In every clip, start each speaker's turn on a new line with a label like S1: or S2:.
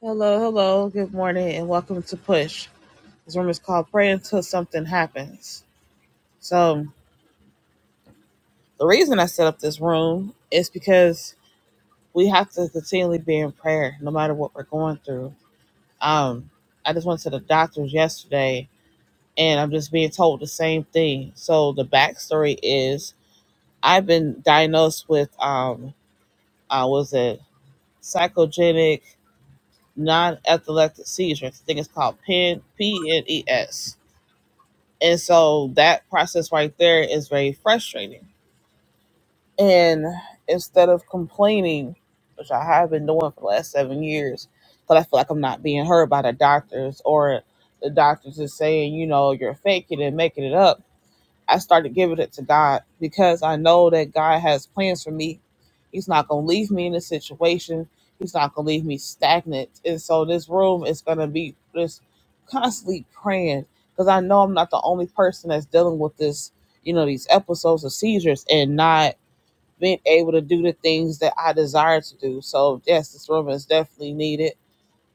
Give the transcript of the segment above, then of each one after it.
S1: Hello, hello, good morning, and welcome to Push. This room is called Pray Until Something Happens. So, the reason I set up this room is because we have to continually be in prayer no matter what we're going through. Um, I just went to the doctor's yesterday and I'm just being told the same thing. So, the backstory is I've been diagnosed with, um, uh, was it psychogenic non epileptic seizure? I think it's called PEN, P-N-E-S. And so that process right there is very frustrating. And instead of complaining, which I have been doing for the last seven years, because I feel like I'm not being heard by the doctors or the doctors is saying, you know, you're faking it, making it up I started giving it to God because I know that God has plans for me. He's not going to leave me in this situation. He's not going to leave me stagnant. And so this room is going to be just constantly praying because I know I'm not the only person that's dealing with this, you know, these episodes of seizures and not being able to do the things that I desire to do. So, yes, this room is definitely needed.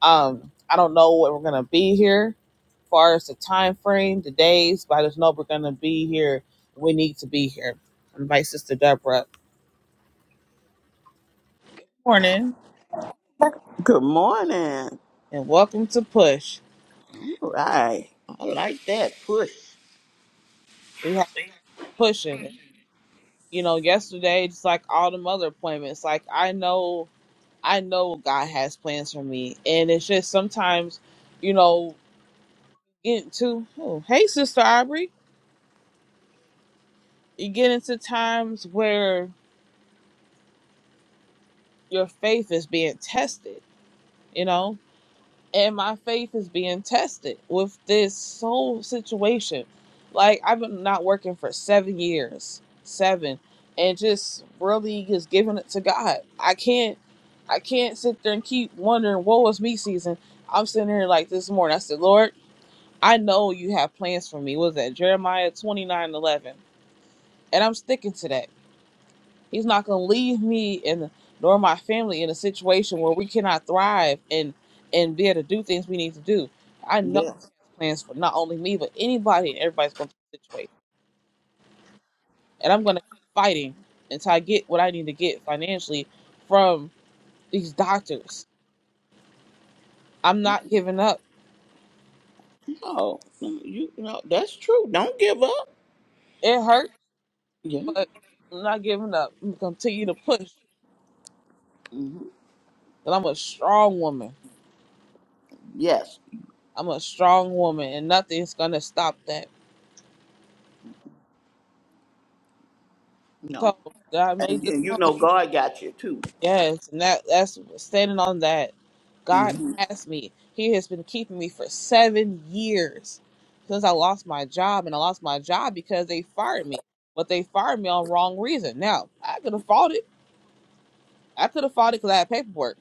S1: Um, I don't know when we're gonna be here, as far as the time frame, the days, but I just know we're gonna be here. We need to be here. I invite Sister Deborah. Morning
S2: Good morning.
S1: and welcome to Push.
S2: All right. I like that push.
S1: We have pushing. You know, yesterday, just like all the other appointments, like I know, I know God has plans for me, and it's just sometimes, you know, get to. Oh, hey, Sister Aubrey, you get into times where your faith is being tested. You know, and my faith is being tested with this whole situation. Like I've been not working for seven years, seven, and just really just giving it to God. I can't, I can't sit there and keep wondering what was me season. I'm sitting here like this morning. I said, Lord, I know you have plans for me. What Was that Jeremiah twenty nine eleven? And I'm sticking to that. He's not going to leave me and nor my family in a situation where we cannot thrive and and be able to do things we need to do. I know
S2: Yes.
S1: He has plans for not only me but anybody and everybody's going through the situation, and I'm going to keep fighting until I get what I need to get financially from these doctors. I'm not giving up.
S2: No, no, you know that's true. Don't give up.
S1: It hurts,
S2: Yeah.
S1: but I'm not giving up. I'm going to continue to push.
S2: hmm
S1: But I'm a strong woman.
S2: Yes.
S1: I'm a strong woman, and nothing's going to stop that.
S2: No.
S1: So I
S2: And,
S1: made this.
S2: and you
S1: one.
S2: know God got you too.
S1: Yes, and that that's standing on that. God
S2: hmm
S1: has me. He has been keeping me for seven years since I lost my job, and I lost my job because they fired me, but they fired me on wrong reason. Now I could have fought it. I could have fought it because I had paperwork,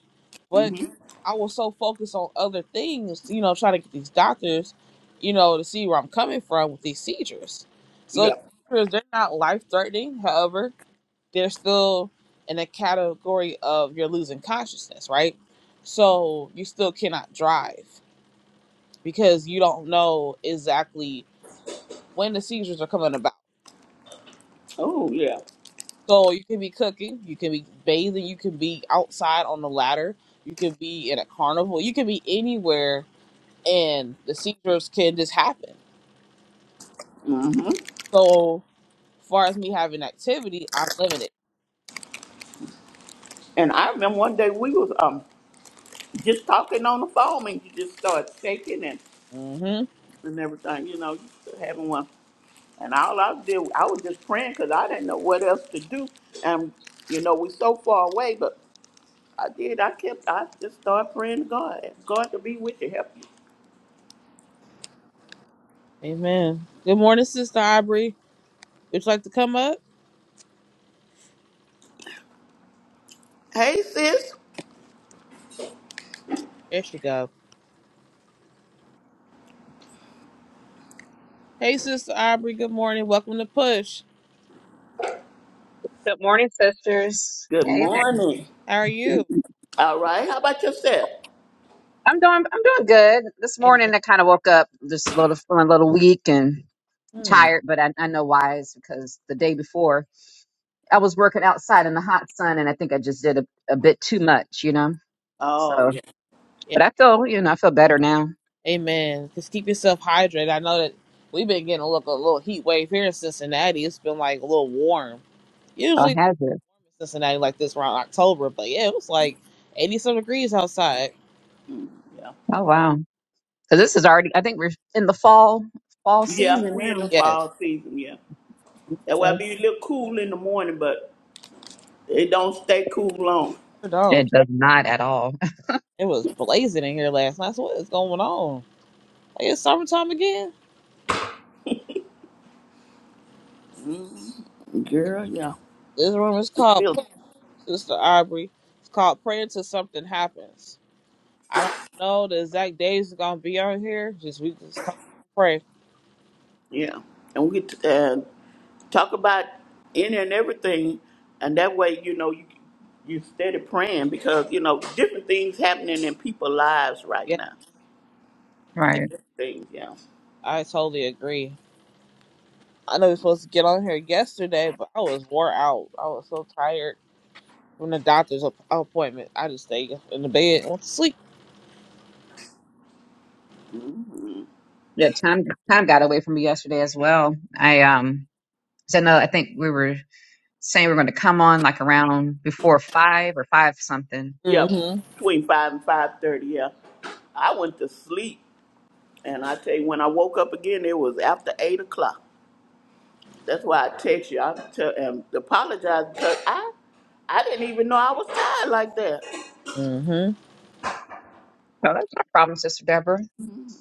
S1: but
S2: hmm
S1: I was so focused on other things, you know, trying to get these doctors, you know, to see where I'm coming from with these seizures. So
S2: Yeah.
S1: the seizures, they're not life threatening. However, they're still in the category of you're losing consciousness, right? So you still cannot drive because you don't know exactly when the seizures are coming about.
S2: Oh yeah.
S1: So you can be cooking, you can be bathing, you can be outside on the ladder, you can be in a carnival, you can be anywhere, and the seizures can just happen.
S2: hmm
S1: So, as far as me having activity, I'm limited.
S2: And I remember one day we was um just talking on the phone and you just started shaking and
S1: Mm-hmm.
S2: and everything. You know, you having one. And all I did, I was just praying because I didn't know what else to do. And you know, we so far away, but. I did. I kept. I just started praying to God. Ask God to be with you, help you.
S1: Amen. Good morning, Sister Aubrey. Would you like to come up?
S2: Hey, sis.
S1: There she go. Hey, Sister Aubrey. Good morning. Welcome to Push.
S3: Good morning, sisters.
S2: Good
S3: Hey there.
S2: morning.
S1: How are you?
S2: All right. How about yourself?
S3: I'm doing I'm doing good. This
S1: Amen.
S3: morning I kind of woke up just a little feeling a little weak and
S1: Hmm.
S3: tired, but I, I know why is because the day before I was working outside in the hot sun and I think I just did a, a bit too much, you know.
S2: Oh
S3: So
S2: yeah,
S1: Yeah.
S3: but I feel, you know, I feel better now.
S1: Amen. Just keep yourself hydrated. I know that we've been getting a look a little heat wave here in Cincinnati. It's been like a little warm.
S3: Oh
S1: Usually it's
S3: has it.
S1: warm in Cincinnati like this around October, but yeah, it was like eighty some degrees outside.
S2: yeah,
S3: Oh wow. Because this is already I think we're in the fall fall
S2: yeah.
S3: season
S2: We in the
S3: now.
S1: Yes,
S2: fall season. Yeah, that why
S3: So
S2: be a little cool in the morning, but it don't stay cool long.
S1: sure
S3: It
S1: don't.
S3: does not at all.
S1: It was blazing in here last night. So what is going on? Like it's summertime again.
S2: Girl, yeah.
S1: This room is called
S2: Feel,
S1: Push, Sister Aubrey. It's called Praying Till Something Happens. I don't know the exact days it's gonna be on here. Just we just come here and pray.
S2: yeah. And we get to, uh, talk about any and everything, and that way you know you you steady praying because you know different things happening in people's lives right
S1: Yeah,
S2: now.
S1: yeah,
S3: Right.
S2: Different Things, yeah.
S1: I totally agree. I know we're supposed to get on here yesterday, but I was wore out. I was so tired from the doctor's app- appointment. I just stayed in the bed and went to sleep.
S3: Yeah, time time got away from me yesterday as well. I um Because I know I think we were saying we are going to come on like around before five or five something.
S2: yeah,
S1: Mm-hmm.
S2: between five and five thirty. Yeah, I went to sleep, and I tell you, when I woke up again, it was after eight o'clock. That's why I text you. I tell and apologize because I I didn't even know I was tired like that.
S1: Mm-hmm.
S3: No, that's no problem, Sister Deborah.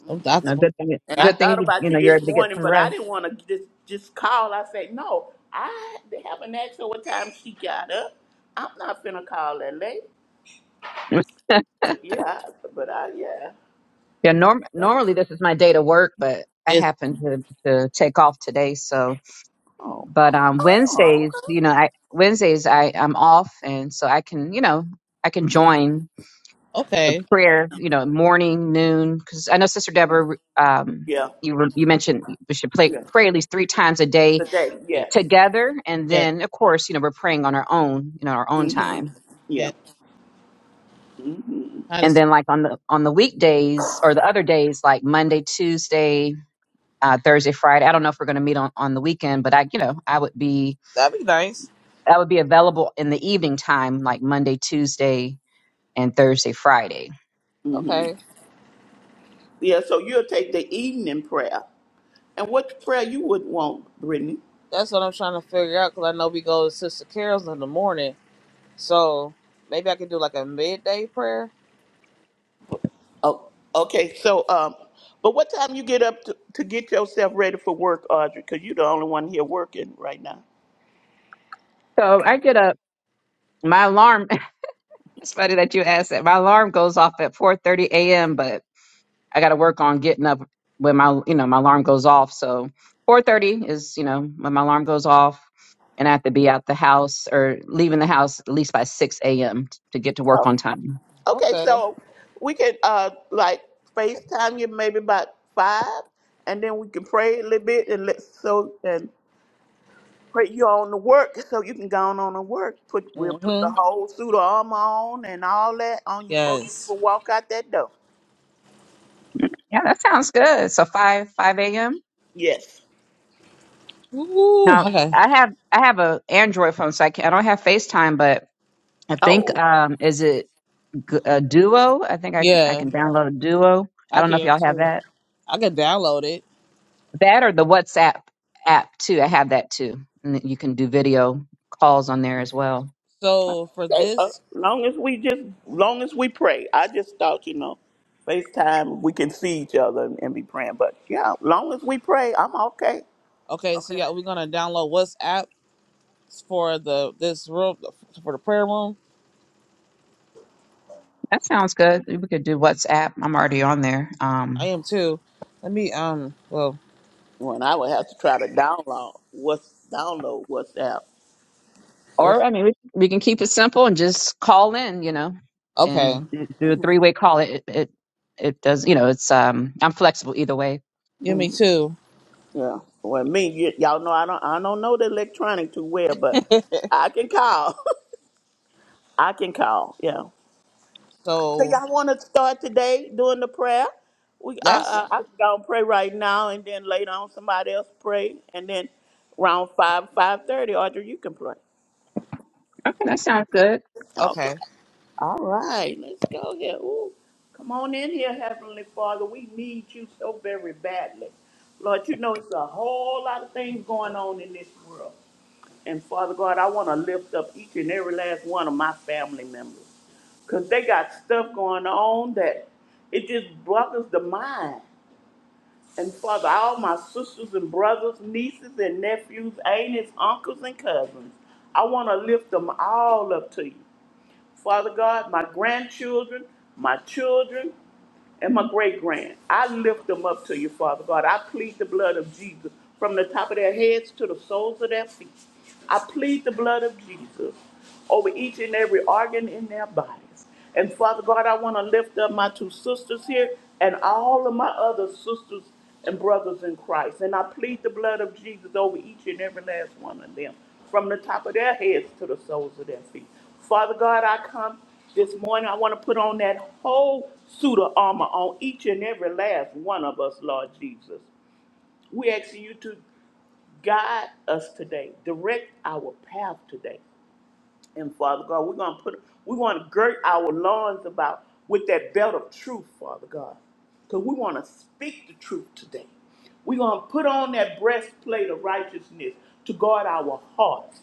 S1: Some doctor's
S3: No,
S1: appointment
S3: good thing.
S2: And
S1: out.
S2: I
S3: Good thing
S2: thought
S3: you
S2: about
S3: you
S2: you
S3: know you're
S2: this
S3: able to get
S2: morning,
S3: some
S2: but I
S3: rest.
S2: didn't want to just just call. I said no. I haven't asked her what time she got up. I'm not finna call that late. But yeah, but I yeah.
S3: Yeah, norm-
S2: But,
S3: normally this is my day to work, but I
S1: Is
S3: happened to, to take off today. So,
S2: oh,
S3: but um,
S2: oh,
S3: Wednesdays,
S2: okay.
S3: you know, I Wednesdays I I'm off, and so I can you know I can join the
S1: okay.
S3: prayer, you know, morning, noon, because I know Sister Deborah, um,
S2: Yeah,
S3: you were, you mentioned we should play,
S2: yeah.
S3: pray at least three times a day
S2: Today,
S1: Right.
S2: yes.
S3: together and
S1: Yeah.
S3: then of course you know we're praying on our own you know our own
S2: hmm
S3: time
S2: Yeah.
S1: Yeah. Try to
S3: and
S1: see.
S3: then like on the on the weekdays or the other days like monday tuesday uh, thursday friday i don't know if we're going to meet on on the weekend but i you know i would be
S1: That'd be nice.
S3: i would be available in the evening time like monday tuesday and Thursday, Friday.
S1: Okay.
S2: Yeah, so you'll take the evening prayer. And what prayer you would want, Brittany?
S1: That's what I'm trying to figure out because I know we go to Sister Carol's in the morning, so maybe I could do like a midday prayer
S2: Oh, okay. So, um, but what time you get up to, to get yourself ready for work, Audrey? Because you're the only one here working right now.
S3: So I get up. My alarm. It's funny that you asked that. My alarm goes off at 4:30 a.m. But I got to work on getting up when my you know my alarm goes off. So 4:30 is you know when my alarm goes off, and I have to be out the house or leaving the house at least by 6 a.m. to get to work
S2: Oh.
S3: on time.
S2: Okay,
S1: Okay.
S2: so we can uh like FaceTime you maybe about five, and then we can pray a little bit and let so and put you on to work so you can go on and work. Put we'll put the
S1: Mm-hmm.
S2: whole suit of armor on and all that on you before you
S1: Yes.
S2: even walk out that door.
S3: Yeah, that sounds good. So five five a.m.
S2: Yes.
S1: Ooh,
S3: Now
S1: okay.
S3: I have I have a Android phone, so I can I don't have FaceTime, but I think
S2: Oh,
S3: um is it G- a Duo? I think I c- I
S1: Yeah,
S3: can download a Duo. I
S1: I
S3: don't know if
S1: can
S3: y'all have
S1: too.
S3: that.
S1: I can download it.
S3: That or the WhatsApp app too. I have that too, and then you can do video calls on there as well.
S1: So for
S2: okay. Uh,
S1: this,
S2: long as we just, long as we pray. I just thought, you know, FaceTime we can see each other and, and be praying. But yeah, long as we pray, I'm okay.
S1: okay, so yeah, we're gonna download WhatsApp for the this room for the prayer room.
S3: That sounds good. We could do WhatsApp. I'm already on there.
S1: I
S3: Um,
S1: am too. Let me um well
S2: When I would have to try to download what's download WhatsApp.
S3: Or
S1: what's-
S3: I mean, we, we can keep it simple and just call in, you know,
S1: okay.
S3: and do a three way call. It, it it it does, you know. It's um, I'm flexible either way.
S1: Give me two.
S2: Yeah. Well, me, y- y'all know I don't, I don't know the electronic too well, but I can call. I can call. Yeah. So
S1: So
S2: y'all want to start today doing the prayer? We
S1: that's
S2: I, I i gonna pray right now, and then later on somebody else pray, and then round five five thirty. Audrey, you can pray.
S3: Okay, that sounds good.
S2: Okay.
S1: okay.
S2: All right. Let's go here. Ooh. Come on in here, Heavenly Father. We need you so very badly, Lord. You know it's a whole lot of things going on in this world. And Father God, I want to lift up each and every last one of my family members because they got stuff going on that it just boggles the mind. And Father, all my sisters and brothers, nieces and nephews, aunts, uncles, and cousins, I want to lift them all up to you. Father God, my grandchildren, my children and my great grand. I lift them up to you, Father God. I plead the blood of Jesus from the top of their heads to the soles of their feet. I plead the blood of Jesus over each and every organ in their bodies. And Father God, I want to lift up my two sisters here and all of my other sisters and brothers in Christ. And I plead the blood of Jesus over each and every last one of them from the top of their heads to the soles of their feet. Father God, I come this morning. I want to put on that whole suit of armor on each and every last one of us, Lord Jesus. We ask you to guide us today, direct our path today. And Father God, we're gonna put we're gonna girt our loins about with that belt of truth, Father God. Because we want to speak the truth today. We're gonna put on that breastplate of righteousness to guard our hearts.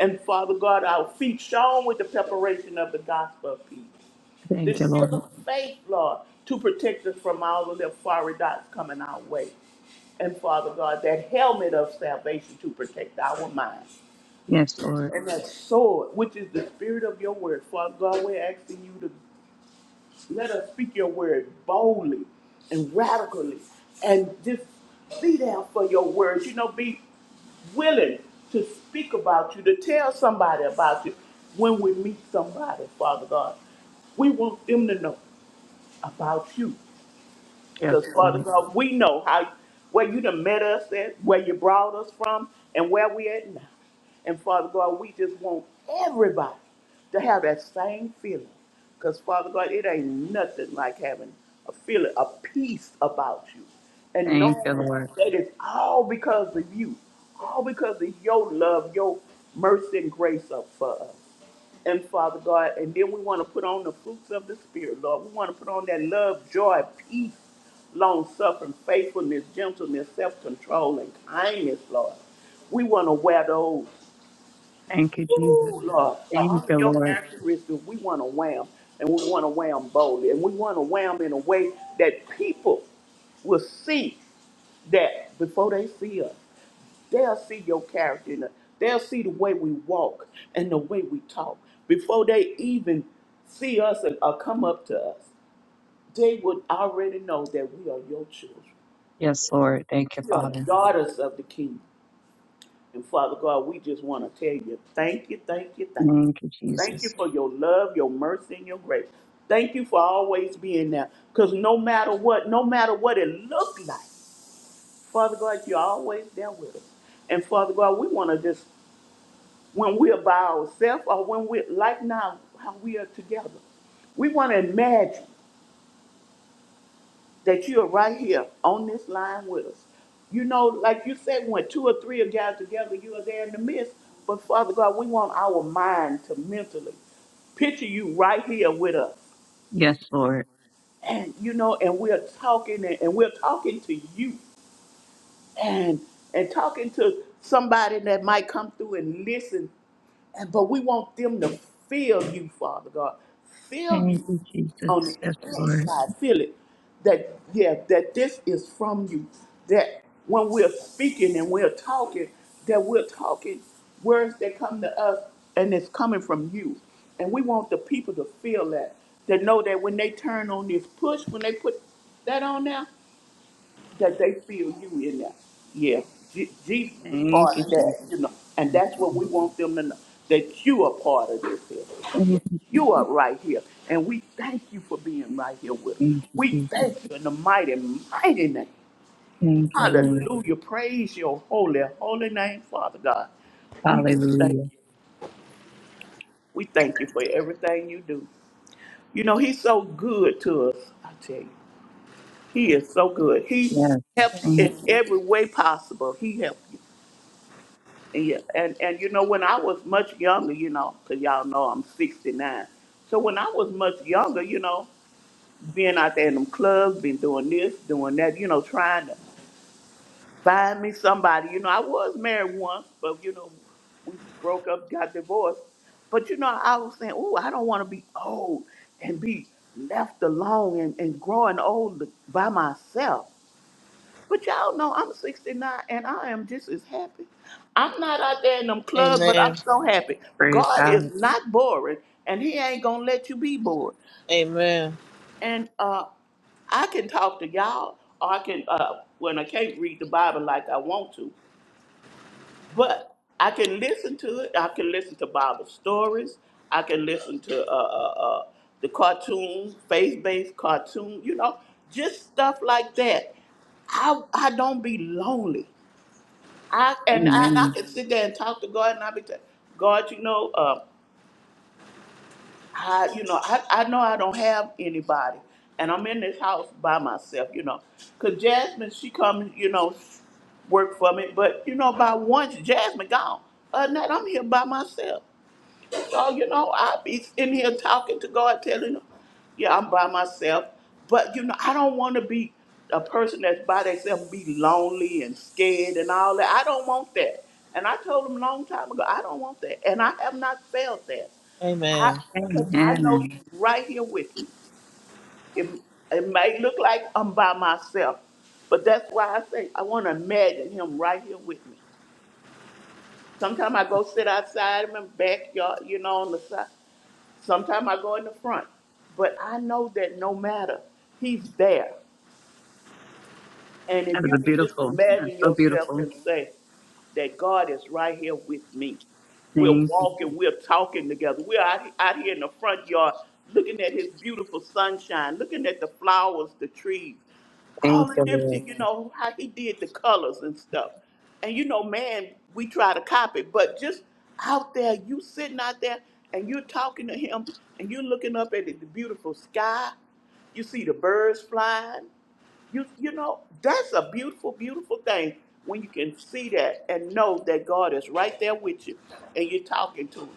S2: And Father God, our feet shone with the preparation of the gospel of peace. The
S3: Thank you, Lord.
S2: shield of faith, Lord, to protect us from all of the fiery dots coming our way. And Father God, that helmet of salvation to protect our mind
S3: Yes, Lord.
S2: and that soul, which is the spirit of your word. Father God, we're asking you to let us speak your word boldly and radically and just be there for your words. You know, be willing to speak about you, to tell somebody about you when we meet somebody, Father God. We want them to know about you.
S3: Yes,
S2: Because Father
S3: Lord.
S2: God, we know how where you done met us at, where you brought us from, and where we at now. And Father God, we just want everybody to have that same feeling. Because Father God, it ain't nothing like having a feeling, a peace about you. And
S3: Thank you,
S2: knowing
S3: Lord.
S2: that it's all because of you. All because of your love, your mercy and grace up for us. And Father God, and then we want to put on the fruits of the Spirit, Lord. We want to put on that love, joy, peace, long suffering, faithfulness, gentleness, self control, and kindness, Lord. We want to wear those,
S3: Thank you, Jesus.
S2: Woo, Lord.
S3: Thank
S2: All of
S3: you,
S2: your
S3: Lord.
S2: characteristics, we want to wear 'em, and we want to wear 'em boldly, and we want to wear 'em in a way that people will see that before they see us. They'll see your character. In us. They'll see the way we walk and the way we talk. Before they even see us or, or come up to us, they would already know that we are your children.
S3: Yes, Lord. Thank you,
S2: We are
S3: Father.
S2: daughters of the King. And Father God, we just want to tell you thank you, thank you, thank you.
S3: Thank you,
S2: Thank
S3: Jesus.
S2: you for your love, your mercy, and your grace. Thank you for always being there. Because no matter what, no matter what it looked like, Father God, you're always there with us. And Father God, we want to just when we are by ourselves or when we're like now how we are together. We want to imagine that you are right here on this line with us. You know, like you said, when two or three are gathered together, you are there in the midst. But Father God, we want our mind to mentally picture you right here with us.
S3: Yes, Lord.
S2: And you know, and we're talking and, and we're talking to you and and talking to somebody that might come through and listen And- But we want them to feel you, Father God. Feel
S3: Thank
S2: you
S3: you,
S2: on
S3: Jesus.
S2: the
S3: Yes, Lord.
S2: inside. Feel it. That, yeah, that this is from you. That when we're speaking and we're talking, that we're talking words that come to us and it's coming from you. And we want the people to feel that. To know that when they turn on this push, when they put that on there, that they feel you in there. Yeah, Je- Jesus is
S3: Thank
S2: part
S3: you,
S2: of
S3: Jesus.
S2: that, you know, and
S3: Yes,
S2: that's what we
S3: Lord.
S2: want them to know that you are part of this here.
S3: Thank
S2: That
S3: you, Jesus.
S2: you are right here, and we thank you for being right here with us.
S3: Thank you,
S2: We
S3: Jesus.
S2: thank you in the mighty, mighty name.
S3: Thank you, Lord.
S2: Hallelujah. Praise your holy, holy name, Father God. We just thank
S3: Hallelujah.
S2: you. We thank you for everything you do. You know, He's so good to us, I tell you. He is so good. He
S3: Yes.
S2: helps
S3: Thank
S2: in
S3: you,
S2: every
S3: Jesus.
S2: way possible. He helps you. Yeah, and and you know when I was much younger, you know, 'cause y'all know I'm 69. So when I was much younger, you know, being out there in them clubs, been doing this, doing that, you know, trying to find me somebody. You know, I was married once, but you know, we broke up, got divorced. But you know, I was saying, oh, I don't want to be old and be left alone and, and growing old by myself. But y'all know I'm 69 and I am just as happy. I'm not out there in them clubs, but
S1: Amen.
S2: I'm so happy.
S3: Praise
S2: God
S3: God.
S2: is not boring and He ain't gonna let you be bored.
S1: Amen.
S2: And uh, I can talk to y'all, or I can, uh, when I can't read the Bible like I want to, but I can listen to it. I can listen to Bible stories. I can listen to uh, uh, uh, the cartoon, faith based cartoon, you know, just stuff like that. I, I don't be lonely. I and I, I
S3: Amen.
S2: can sit there and talk to God, and I be telling God, you know, uh, I, you know, I, I know I don't have anybody, and I'm in this house by myself, you know, 'cause Jasmine, she comes, you know, work for me, but you know, by once Jasmine gone, other than that, I'm here by myself. So, you know, I be in here talking to God, telling him, yeah, I'm by myself. But, you know, I don't want to be a person that's by themselves, be lonely and scared and all that. I don't want that. And I told him a long time ago, I don't want that. And I have not felt that. I,
S1: Amen.
S2: cause I know he's
S3: Amen.
S2: right here with me. It, it may look like I'm by myself, but that's why I say I want to imagine him right here with me. Sometimes I go sit outside in my backyard, you know, on the side. Sometimes I go in the front, but I know that no matter, he's there. And
S3: That
S2: if
S3: is
S2: you
S3: a
S2: can just
S3: beautiful. That's
S2: imagine
S3: so
S2: yourself
S3: beautiful.
S2: and say that God is right here with me. We're
S3: Thank you.
S2: walking, we're talking together. We're out, out here in the front yard looking at his beautiful sunshine, looking at the flowers, the trees, all
S3: Thank
S2: the
S3: you, Lord.
S2: different, you know, how he did the colors and stuff. And you know, man, we try to copy, but just out there, you sitting out there and you're talking to him and you're looking up at the beautiful sky. You see the birds flying. You you know, that's a beautiful, beautiful thing when you can see that and know that God is right there with you and you're talking to him.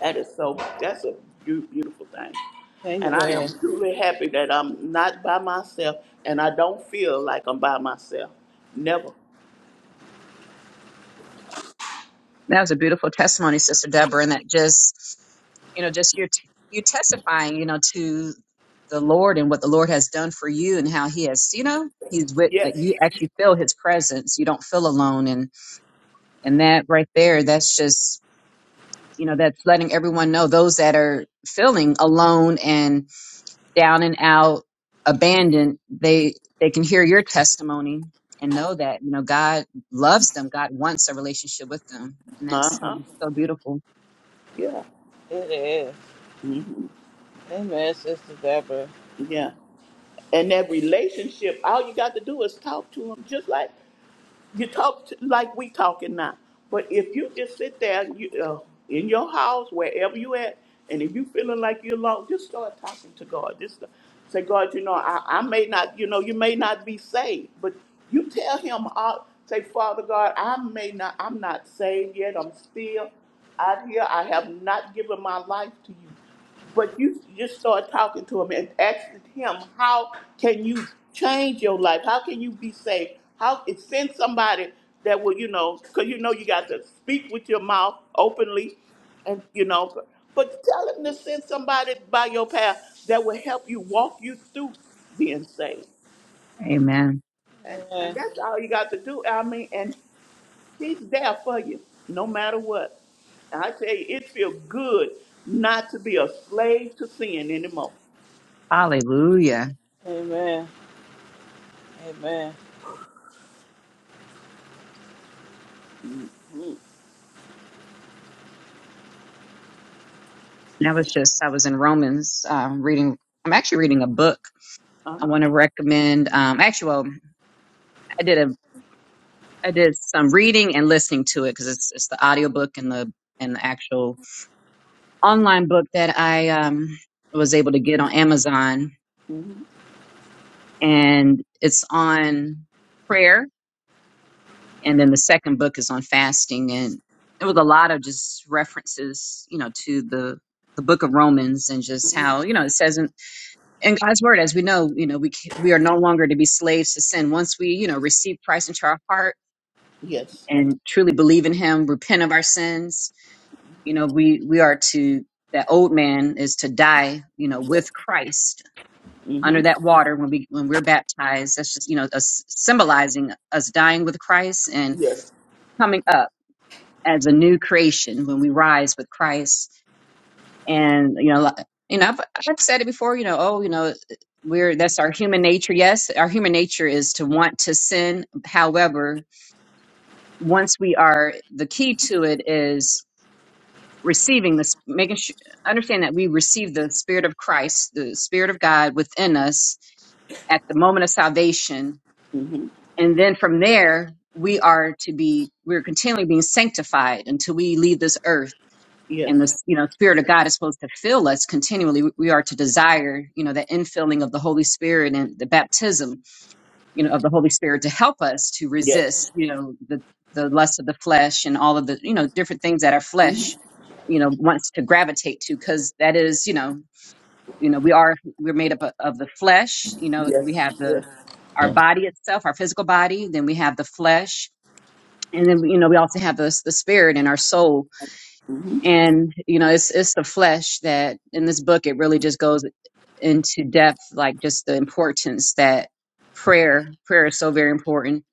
S2: That is so that's a beau- beautiful thing. And I
S1: Amen.
S2: am truly happy that I'm not by myself and I don't feel like I'm by myself. Never.
S3: That was a beautiful testimony, Sister Deborah, and that just, you know, just your you testifying, you know, to the Lord and what the Lord has done for you and how He has, you know, He's with like
S2: Yes.
S3: you actually feel His presence. You don't feel alone, and and that right there, that's just you know, that's letting everyone know those that are feeling alone and down and out, abandoned, they they can hear your testimony and know that you know God loves them. God wants a relationship with them, and that's you
S2: Uh-huh.
S3: know, so beautiful.
S2: Yeah.
S1: It is. Amen, Sister Deborah.
S2: Yeah. And that relationship, all you got to do is talk to him just like you talk t- like we talking now, but if you just sit there and you, uh, in your house, wherever you at, and if you feeling like you're alone, just start talking to God. Just start- say, God, you know, I, I may not, you know, you may not be saved, but you tell Him, uh, say, Father God, I may not, I'm not saved yet. I'm still out here. I have not given my life to you. But you just start talking to him and asking him, how can you change your life? How can you be saved? How send somebody that will, you know, because you know you got to speak with your mouth openly, and you know, but, but tell him to send somebody by your path that will help you walk you through being saved,
S3: Amen.
S2: and and
S1: Amen.
S2: that's all you got to do. I mean, and he's there for you no matter what. And I tell you, it feels good not to be a slave to sin anymore.
S3: Hallelujah.
S1: Amen. Amen.
S3: And That was just, I was in Romans um, reading, I'm actually reading a book.
S2: Uh
S3: I
S2: huh.
S3: want to recommend, um, actually, well, I did a, I did some reading and listening to it because it's, it's the audiobook and the, and the actual online book that I um, was able to get on Amazon.
S2: Mm-hmm.
S3: And it's on prayer. And then the second book is on fasting. And it was a lot of just references, you know, to the, the book of Romans and just
S2: hmm
S3: how, you know, it says in and God's word, as we know, you know, we c- we are no longer to be slaves to sin. Once we, you know, receive Christ into our heart
S2: Yes.
S3: and truly believe in Him, repent of our sins, you know, we we are to that old man is to die, you know,
S2: Yes.
S3: with Christ under
S2: Mm-hmm.
S3: that water when we when we're baptized. That's just you know, us symbolizing us dying with Christ and
S2: Yes.
S3: coming up as a new creation when we rise with Christ and you know like, you know I've, I've said it before you know oh you know we're that's our human nature yes our human nature is to want to sin however once we are the key to it is receiving this making sure understand that we receive the spirit of christ the spirit of god within us at the moment of salvation
S2: Mm-hmm.
S3: and then from there we are to be we're continually being sanctified until we leave this earth and the
S2: Yes.
S3: you know spirit of god is supposed to fill us continually we are to desire you know the infilling of the holy spirit and the baptism you know of the holy spirit to help us to
S2: Yes.
S3: resist you know the the lust of the flesh and all of the you know different things that our
S2: Mm-hmm.
S3: flesh you know wants to gravitate to because that is you know you know we are we're made up of of the flesh you know we
S2: Yes.
S3: have the
S2: Yes.
S3: our body itself our physical body then we have the flesh and then you know we also have the, the spirit and our soul
S2: Mm-hmm.
S3: and you know it's it's the flesh that in this book it really just goes into depth like just the importance that prayer prayer is so very important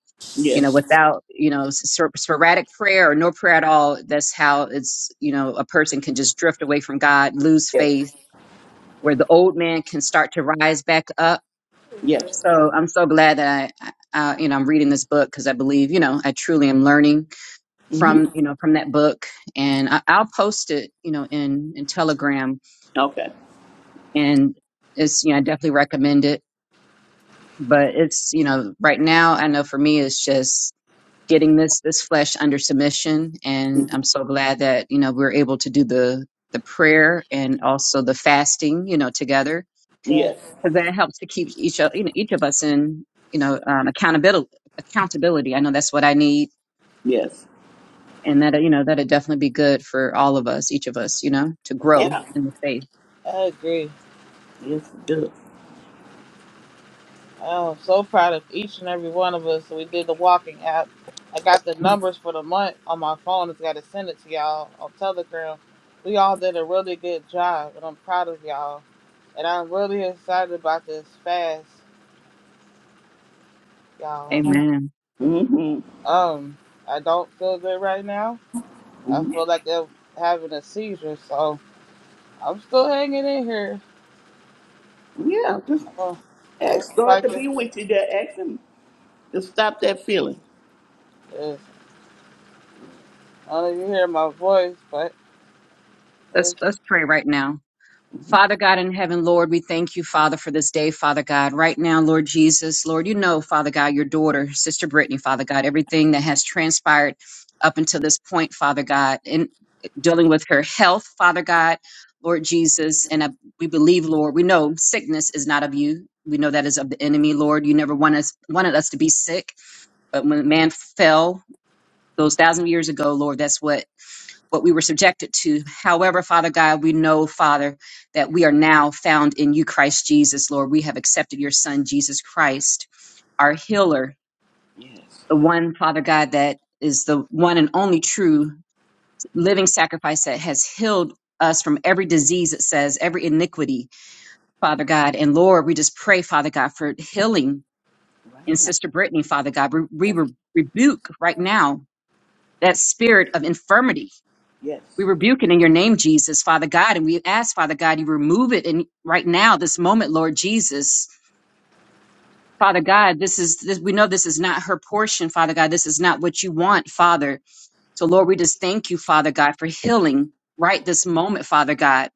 S3: you know
S2: Yes.
S3: without you know spor- sporadic prayer or no prayer at all that's how it's you know a person can just drift away from god lose
S2: Yes.
S3: faith where the old man can start to rise back up
S2: Yes.
S3: so i'm so glad that i, I uh, you know i'm reading this book because i believe you know i truly am learning
S2: Mm-hmm.
S3: from you know from that book and I, i'll post it you know in in telegram
S2: Okay.
S3: and it's you know i definitely recommend it but it's you know right now i know for me it's just getting this this flesh under submission and
S2: Mm-hmm.
S3: i'm so glad that you know we're able to do the the prayer and also the fasting you know together
S1: Yes,
S2: Yes.
S3: because that helps to keep each of you know each of us in you know um, accountability accountability i know that's what i need
S2: Yes.
S3: and that you know that'd definitely be good for all of us each of us you know to
S1: I,
S3: grow
S2: Yeah.
S3: in the faith
S1: I agree.
S2: Yes, it does.
S1: I'm so proud of each and every one of us. We did the walking app. I got the numbers for the month on my phone. It's got to send it to y'all on Telegram. We all did a really good job, and I'm proud of y'all. And I'm really excited about this fast, y'all.
S3: amen
S2: Mm-hmm.
S1: Um, I don't feel good right now. I feel like I'm having a seizure, so I'm still hanging in here.
S2: Yeah. Just
S1: I'm gonna, I'm gonna
S2: ask God to
S1: fight this.
S2: be with you there. Ask Him to stop that feeling.
S1: Yes, I don't know if you hear my voice, but.
S3: let's
S1: it's.
S3: let's pray right now Father God in heaven, Lord, we thank you, Father, for this day, Father God. Right now, Lord Jesus, Lord, you know, Father God, your daughter, Sister Brittany, Father God, everything that has transpired up until this point, Father God, in dealing with her health, Father God, Lord Jesus. And I, we believe, Lord, we know sickness is not of you. We know that is of the enemy, Lord. You never want us, wanted us to be sick, but when man fell those thousand years ago, Lord, that's what what we were subjected to. However, Father God, we know, Father, that we are now found in you, Christ Jesus, Lord. We have accepted your Son, Jesus Christ, our healer,
S2: Yes.
S3: the one, Father God, that is the one and only true living sacrifice that has healed us from every disease, it says, every iniquity, Father God. And Lord, we just pray, Father God, for healing
S2: Right
S3: in
S2: now.
S3: Sister Brittany, Father God. We,
S2: Yes.
S3: we rebuke right now that spirit of infirmity We
S2: Yes.
S3: rebuke it in your name, Jesus, Father God. And we ask, Father God, you remove it in right now, this moment, Lord Jesus. Father God, this is this, we know this is not her portion, Father God. This is not what you want, Father. So Lord, we just thank you, Father God, for healing right this moment, Father God.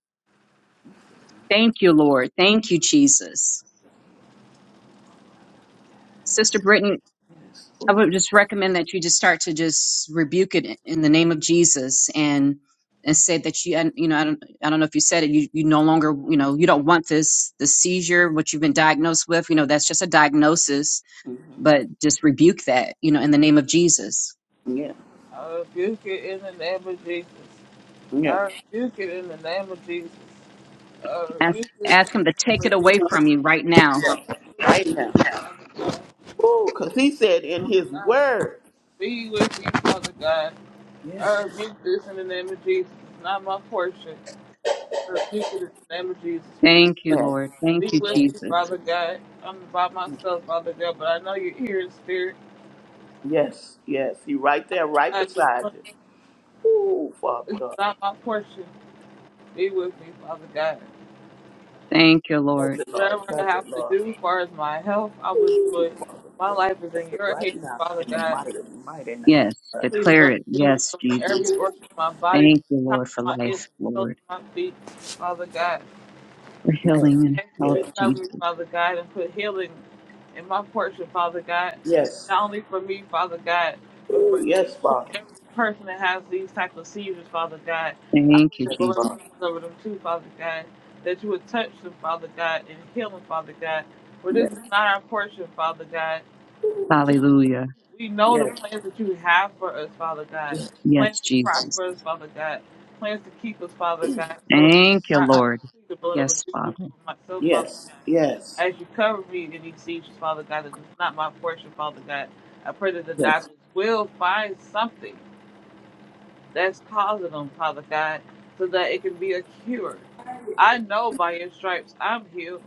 S3: Thank you, Lord. Thank you, Jesus. Sister Brittany,
S2: Yes.
S3: I
S2: Mm-hmm.
S3: would just recommend that you just start to just rebuke it in the name of Jesus and and say that you and you know I don't I don't know if you said it you you no longer you know you don't want this the seizure what you've been diagnosed with you know that's just a diagnosis but just rebuke that you know in the name of Jesus
S2: Yeah.
S1: I rebuke it in the name of Jesus.
S2: Yeah.
S1: I rebuke it in the name of Jesus. I
S3: ask
S1: rebuke it in
S3: ask him to
S1: the
S3: take
S1: name
S3: it
S1: of
S3: away from
S1: Jesus.
S3: you right now
S2: Yeah. Right now.
S1: Be with me, Father God. You know,
S2: Ooh, because He said in His
S1: Father God,
S2: Word.
S1: Be with me, Father God. I
S2: Yes.
S1: rebuke this in the name of Jesus. It's not my portion. I rebuke it in the name of Jesus, Father
S3: thank you
S1: God.
S2: Yes.
S3: Lord thank
S1: Be
S3: you
S1: with
S2: Yes.
S1: me,
S3: Jesus
S1: Father God. I'm by myself, Father God, but I know you're here in spirit.
S2: Yes, yes. He right
S1: Father
S2: there, right
S1: God, this
S2: beside
S1: one
S2: you. Ooh, Father
S1: is
S2: God.
S1: not my portion. Be with me, Father God.
S3: thank you
S2: Touch
S3: Lord
S2: it, Lord.
S1: Whatever I
S2: Touch
S1: have
S2: it,
S1: to
S2: Lord.
S1: do as far as my health, I will do
S2: Ooh,
S1: it. My
S2: God.
S1: life is
S2: Touch
S1: in
S2: it
S1: your hands,
S2: right now
S1: Father
S2: in the
S1: God.
S2: mighty, mighty name.
S3: yes
S1: I
S2: Touch it.
S1: plead the
S3: declare
S1: blood
S3: it
S1: of Jesus
S3: yes
S1: over
S3: Jesus
S1: every organ of my body, from
S3: thank you
S1: the top
S3: Lord
S1: of
S3: for
S1: my head
S3: life
S1: to the soles
S3: Lord
S1: of my feet, Father God.
S3: for
S1: I just
S2: Yes,
S3: healing and
S1: ask that
S3: health
S1: you
S2: yes,
S1: cover
S3: Jesus
S1: me, Father God, and put healing in my portion, Father God.
S2: yes.
S1: Not only for me, Father God, but for
S2: Ooh, yes,
S1: each and
S2: Father.
S1: every person that has these type of seizures, Father God. I
S3: Thank
S1: pray
S3: you,
S1: the
S2: Yes,
S1: blood
S3: Jesus.
S1: of
S2: Father.
S1: Jesus over them too, Father God. That you would touch them, Father God, and heal them, Father God. For this
S2: Yes,
S1: is not our portion, Father God.
S3: Hallelujah.
S1: We know
S2: yes,
S1: the plans that you have for us, Father God.
S3: Yes,
S1: Plans to
S3: Jesus.
S1: prosper us, Father God. Plans to keep us, Father God. So,
S3: Thank you,
S1: Father God, I
S3: Lord.
S1: just plead the blood of
S3: Yes,
S1: Jesus over
S3: Father.
S1: myself, Father
S2: yes,
S1: God.
S2: yes,
S1: As you cover me in these seizures, Father God, that it's not my portion, Father God. I pray that the doctors
S2: yes,
S1: will find something that's causing them, Father God, so that it can be a cure. I know by your stripes I'm healed.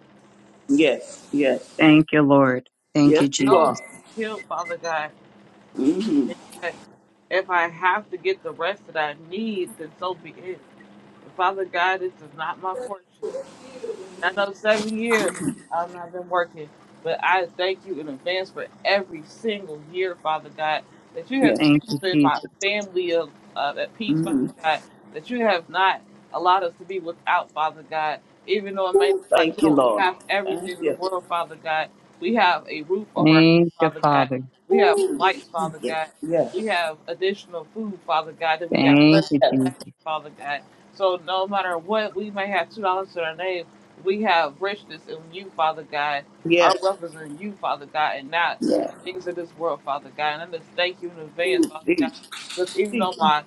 S2: yes, yes.
S3: Thank you, Lord. Thank
S1: I
S2: Yes,
S3: you,
S2: you
S1: know that
S3: Jesus.
S2: are.
S1: I'm healed, Father God.
S2: Mm-hmm.
S1: That if I have to get the rest that I need, then so be it. And Father God, this is not my portion. And I know seven years um, I've not been working, but I thank you in advance for every single year, Father God, that you have
S2: Yes.
S1: been
S3: Thank you,
S1: keeping my
S3: Jesus.
S1: family of, uh, at peace,
S2: Mm-hmm.
S1: Father God, that you have not allowed us to be without, Father God, even though it may
S2: Ooh,
S1: look like
S2: thank
S1: we
S2: you,
S1: don't
S2: Lord.
S1: have
S2: Thank
S1: everything in the
S2: you.
S1: world, Father God. We have a roof over our head,
S3: Thank you,
S1: Father God.
S3: Father.
S1: We have
S2: Ooh,
S1: lights, Father
S2: yes,
S1: God.
S2: yes,
S1: We have additional food, Father God, that we got
S3: Thank
S1: blessed
S3: you,
S1: with
S2: yes,
S3: Jesus.
S1: last year, Father God. So no matter what, we may have two dollars to our name we have richness in you, Father God. Our
S2: yes.
S1: wealth is in you, Father God, and not
S2: Yes.
S1: things of this world, Father God. And I just thank you in advance, Father God.
S2: Jesus.
S1: Because even though
S2: Jesus.
S1: my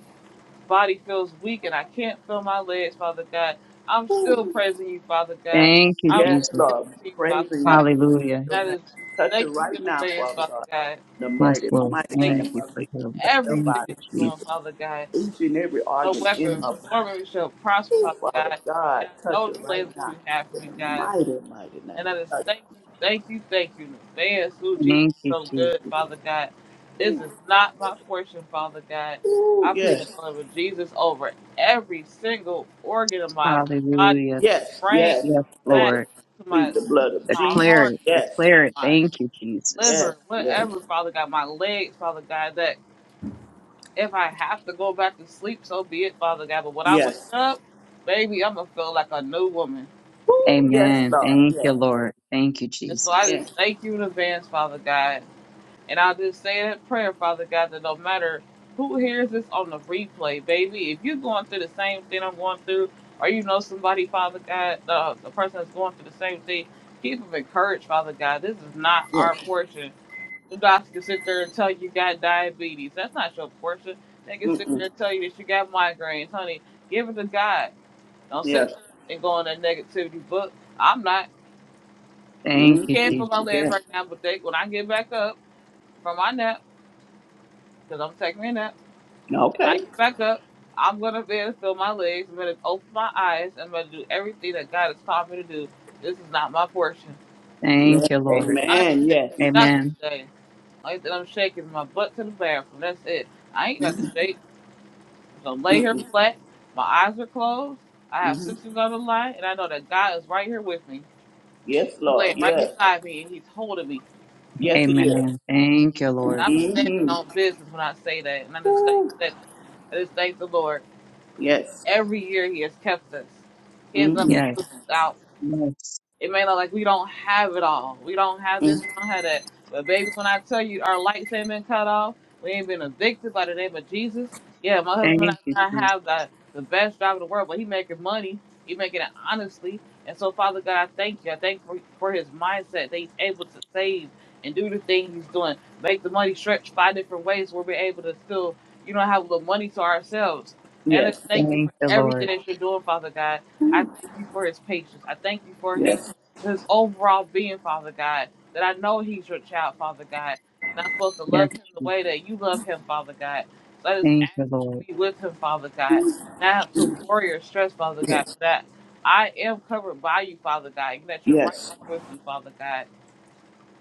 S1: body feels weak and I can't feel my legs, Father God, I'm still praising you, Father God.
S3: Thank you,
S1: I'm still
S2: Yes,
S3: Jesus.
S1: giving
S2: Lord.
S1: it to you, Father
S2: Praising you.
S1: God.
S3: Hallelujah.
S2: Your
S1: And
S2: name.
S1: I just
S2: Touch it
S1: thank
S2: right
S1: you in
S2: now,
S1: advance,
S2: Father
S1: Father
S2: God.
S1: God.
S2: The
S3: Yes,
S2: mighty,
S3: Lord.
S2: mighty
S1: I thank
S3: Thank
S1: you
S2: name
S3: you
S2: of
S1: for
S3: for
S2: Jesus.
S3: healing.
S2: Touch her
S3: Thank
S1: everything
S2: body,
S3: you,
S1: that you're
S3: Jesus.
S1: doing,
S2: Jesus.
S1: Father God.
S2: Each and every
S1: No
S2: organ in her
S1: weapon
S2: body.
S1: forming shall prosper,
S2: Ooh,
S1: Father
S2: Father
S1: God.
S2: God,
S1: And I
S2: touch
S1: know
S2: it
S1: the
S2: right
S1: plans that
S2: now.
S1: you have for
S2: In
S1: me,
S2: the
S1: God.
S2: mighty, mighty name.
S1: And I just
S2: Touch.
S1: thank you, thank you, thank you. in advance, Sue Jesus
S3: Thank
S1: is
S3: you,
S1: so good,
S3: Jesus.
S1: Father God. This is not my portion, Father God.
S2: Ooh,
S1: I plead the
S2: yes.
S1: blood of Jesus over every single organ of my body, from
S3: Hallelujah.
S1: my
S2: Yes.
S1: brain
S2: Yes.
S3: Yes,
S1: to my
S2: Plead
S1: back
S2: the,
S3: Lord.
S1: to my
S2: plead the blood of
S1: my
S3: Declare
S2: Jesus.
S1: heart,
S3: it.
S2: Yes.
S3: Declare it.
S1: my
S3: Thank you, Jesus.
S2: Yes.
S1: liver,
S2: Yes.
S1: whatever, Father God, my legs, Father God, that if I have to go back to sleep, so be it, Father God. But when I wake
S2: Yes.
S1: up, baby, I'm gonna feel like a new woman.
S2: Ooh, yes,
S3: Amen.
S2: Lord.
S3: Thank
S2: Yes.
S3: you, Lord. Thank you,
S1: And so I
S3: Jesus.
S2: Yes.
S1: just thank you in advance, Father God. And I'll just say that prayer, Father God, that no matter who hears this on the replay, baby, if you're going through the same thing I'm going through, or you know somebody, Father God, uh, the person that's going through the same thing, keep them encouraged, Father God. This is not
S2: Yes.
S1: our portion. The doctor can sit there and tell you you got diabetes. That's not your portion. They can sit there
S2: Mm-mm.
S1: and tell you that you got migraines. Honey, give it to God. Don't
S2: Yes.
S1: sit there and go on that negativity book. I'm not.
S3: Thank you,
S2: mm
S1: Can't
S3: Jesus.
S2: mm.
S1: put my legs
S2: Yes.
S1: right now, but they, when I get back up from my nap, because I'm taking a nap, When I
S2: Okay.
S1: get back up. I'm gonna be able to feel my legs. I'm gonna open my eyes. I'm gonna do everything that God has taught me to do. This is not my portion.
S2: Yes.
S3: Thank you, Lord.
S1: I ain't
S2: Amen.
S1: shaking
S2: Yes.
S1: nothing
S3: Amen.
S1: today. Only thing I'm shaking is my butt to the bathroom. That's it. I ain't got to shake. So lay here
S2: Mm-mm.
S1: flat. My eyes are closed. I have
S2: Mm-hmm.
S1: sisters on the line, and I know that God is right here with me.
S2: Yes,
S1: He's
S2: Lord.
S1: laying right
S2: Yes.
S1: beside me, and He's holding me.
S2: Yes, He is.
S3: Amen. Thank you,
S1: And
S3: Lord.
S1: I'm standing
S2: Mm-hmm.
S1: on business when I say that. And I just thank that. I just thank the Lord.
S2: Yes.
S1: Every year He has kept us. He has not
S2: Mm-hmm.
S3: Yes.
S1: left us out.
S3: Yes.
S1: It may look like we don't have it all. We don't have
S2: mm
S1: this, we don't have that. But baby, when I tell you our lights ain't been cut off, we ain't been evicted by the name of Jesus. Yeah, my
S3: Thank
S1: husband and
S3: you,
S1: I
S3: Jesus.
S1: have the, the best job in the world, but he making money. He making it honestly. And so, Father God, I thank you. I thank you for, for his mindset that he's able to save and do the thing he's doing. Make the money stretch five different ways where we're able to still, you know, have a little money to ourselves. And I
S2: Yes.
S1: thank you for
S3: Thank you,
S1: everything
S3: Lord.
S1: that you're doing, Father God. I thank you for his patience. I thank you for his
S2: Yes.
S1: his overall being, Father God, that I know he's your child, Father God, and I'm supposed to
S3: Yes,
S1: love him the
S3: Jesus.
S1: way that you love him, Father God. So I just
S3: Thank
S1: ask
S3: you,
S1: that you
S3: Lord.
S1: be with him, Father God, not to worry or stress, Father God,
S2: Yes.
S1: for that I am covered by you, Father God, and that you're right
S2: Yes.
S1: here with me, Father God.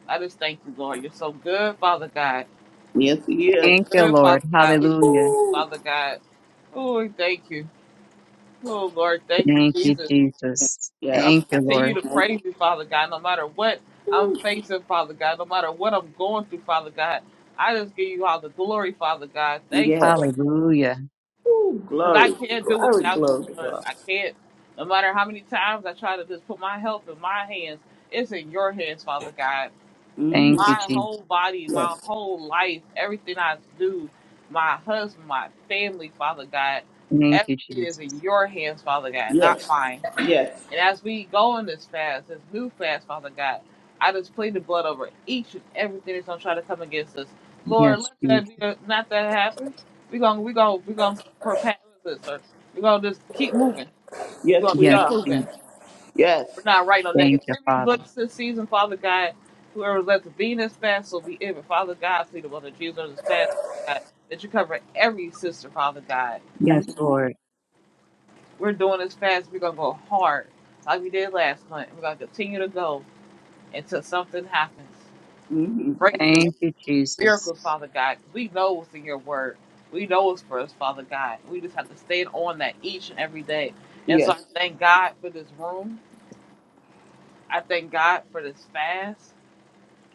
S1: I just thank you, Lord. You're so good, Father God.
S2: Yes, He is.
S3: Thank you,
S1: Good,
S3: Lord.
S1: Father God. We thank
S3: Hallelujah.
S1: you,
S2: Woo.
S1: Father God. Oh, we thank you. Oh, Lord, thank you,
S3: Thank you,
S1: Jesus.
S3: Jesus.
S1: I will
S3: Thank
S2: Yes.
S3: you,
S1: continue
S3: Lord.
S1: to
S2: Thank
S1: praise you, Father God, no matter what I'm facing, Father God, no matter what I'm going through, Father God. I just give you all the glory, Father God.
S2: you.
S1: Thank you.
S2: Yes.
S3: Hallelujah.
S2: Woo.
S1: Because I
S2: Glory.
S1: can't do
S2: Glory.
S1: without you,
S2: Glory to
S1: Lord.
S2: God.
S1: I can't. No matter how many times I try to just put my health in my hands, it's in your hands, Father God.
S3: Thank
S2: Mm-hmm.
S3: you,
S1: My
S3: Jesus.
S1: whole body, my
S2: Yes.
S1: whole life, everything I do, my husband, my family, Father God,
S3: Thank you,
S1: everything is
S3: Jesus.
S1: in your hands, Father God, not
S2: Yes.
S1: mine.
S2: Yes.
S1: And as we go on this fast, this new fast, Father God, I just plead the blood over each and everything that's gonna try to come against us. Lord,
S3: Yes,
S1: let
S3: Jesus.
S1: that be a, not that happen. We gonna we gonna we gonna prepare this, sir. We gonna just keep moving.
S2: Yes,
S1: We gonna
S2: we
S3: Yes,
S1: keep
S2: are.
S3: Jesus.
S1: moving. We're
S2: Yes.
S1: not writing no
S3: Thank you,
S1: negativity
S3: Father.
S1: books this season, Father God. Whoever's left to be in this fast will be in. it, Father God, plead the blood of Jesus on this fast, Father God, that you cover every sister, Father God.
S3: Yes,
S2: Mm-hmm.
S3: Lord.
S1: We're doing this fast. We're gonna go hard like we did last month. We're gonna continue to go. until something happens.
S2: Mm-hmm.
S1: Breakthrough,
S3: Thank you, Jesus.
S1: miracles, Father God. We know what's in your word. We know it's for us, Father God. We just have to stand on that each and every day. And so I
S2: Yes.
S1: thank God for this room. I thank God for this fast.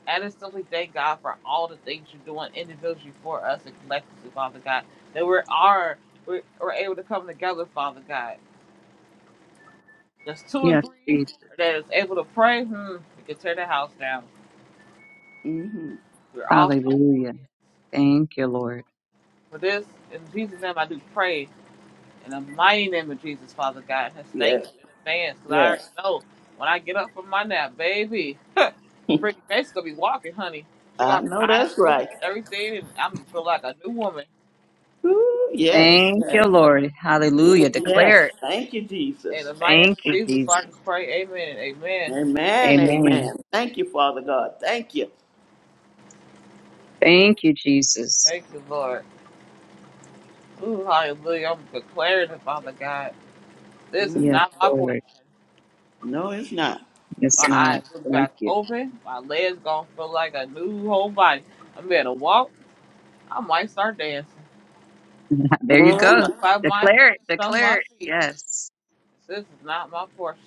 S1: And I just simply thank God for all the things you're doing individually for us and collectively, Father God. That we are we're, we're able to come together, Father God. There's two or
S3: Yes,
S1: three
S3: Jesus.
S1: that is able to pray. Hmm, we can tear the house down.
S2: Mm-hmm.
S1: We're all standing in
S3: Hallelujah.
S1: agreement.
S3: Thank you, Lord.
S1: For this, in Jesus' name, I do pray in the mighty name of Jesus, Father God. And thank
S2: Yes.
S1: you in advance because I already
S2: Yes.
S1: know when I get up from my nap, baby, Brittany Mace gonna be walking, honey. She
S2: I
S1: gonna
S2: know
S1: have her eyes
S2: that's
S1: open
S2: right.
S1: and everything, and I'm gonna feel like a new woman.
S2: Woo, yes,
S3: Thank you,
S2: yes,
S3: Lord. Hallelujah.
S2: yes.
S3: Declare it.
S2: Thank you,
S1: In
S2: Jesus.
S1: the mighty name
S3: Thank
S1: of
S3: you,
S1: Jesus,
S3: Jesus.
S1: I just pray, Amen and Amen.
S2: Amen,
S3: Amen.
S2: amen. Thank you, Father God. Thank you.
S3: Thank you, Jesus.
S1: Thank you, Lord. Ooh, hallelujah. I'm declaring it, Father God. This is
S2: Mm,
S3: Yes,
S1: not my portion.
S3: Lord.
S2: No, it's not.
S3: It's
S1: My
S3: not.
S1: eyes look
S3: Thank
S1: back
S3: you.
S1: open. My legs gonna feel like a new whole body. I'm gonna walk. I might start dancing.
S3: there you go.
S2: Mhm.
S1: Clap my hands,
S3: Declare it.
S1: thumb
S3: Declare
S1: my
S3: it.
S1: feet.
S3: Yes.
S1: This is not my portion.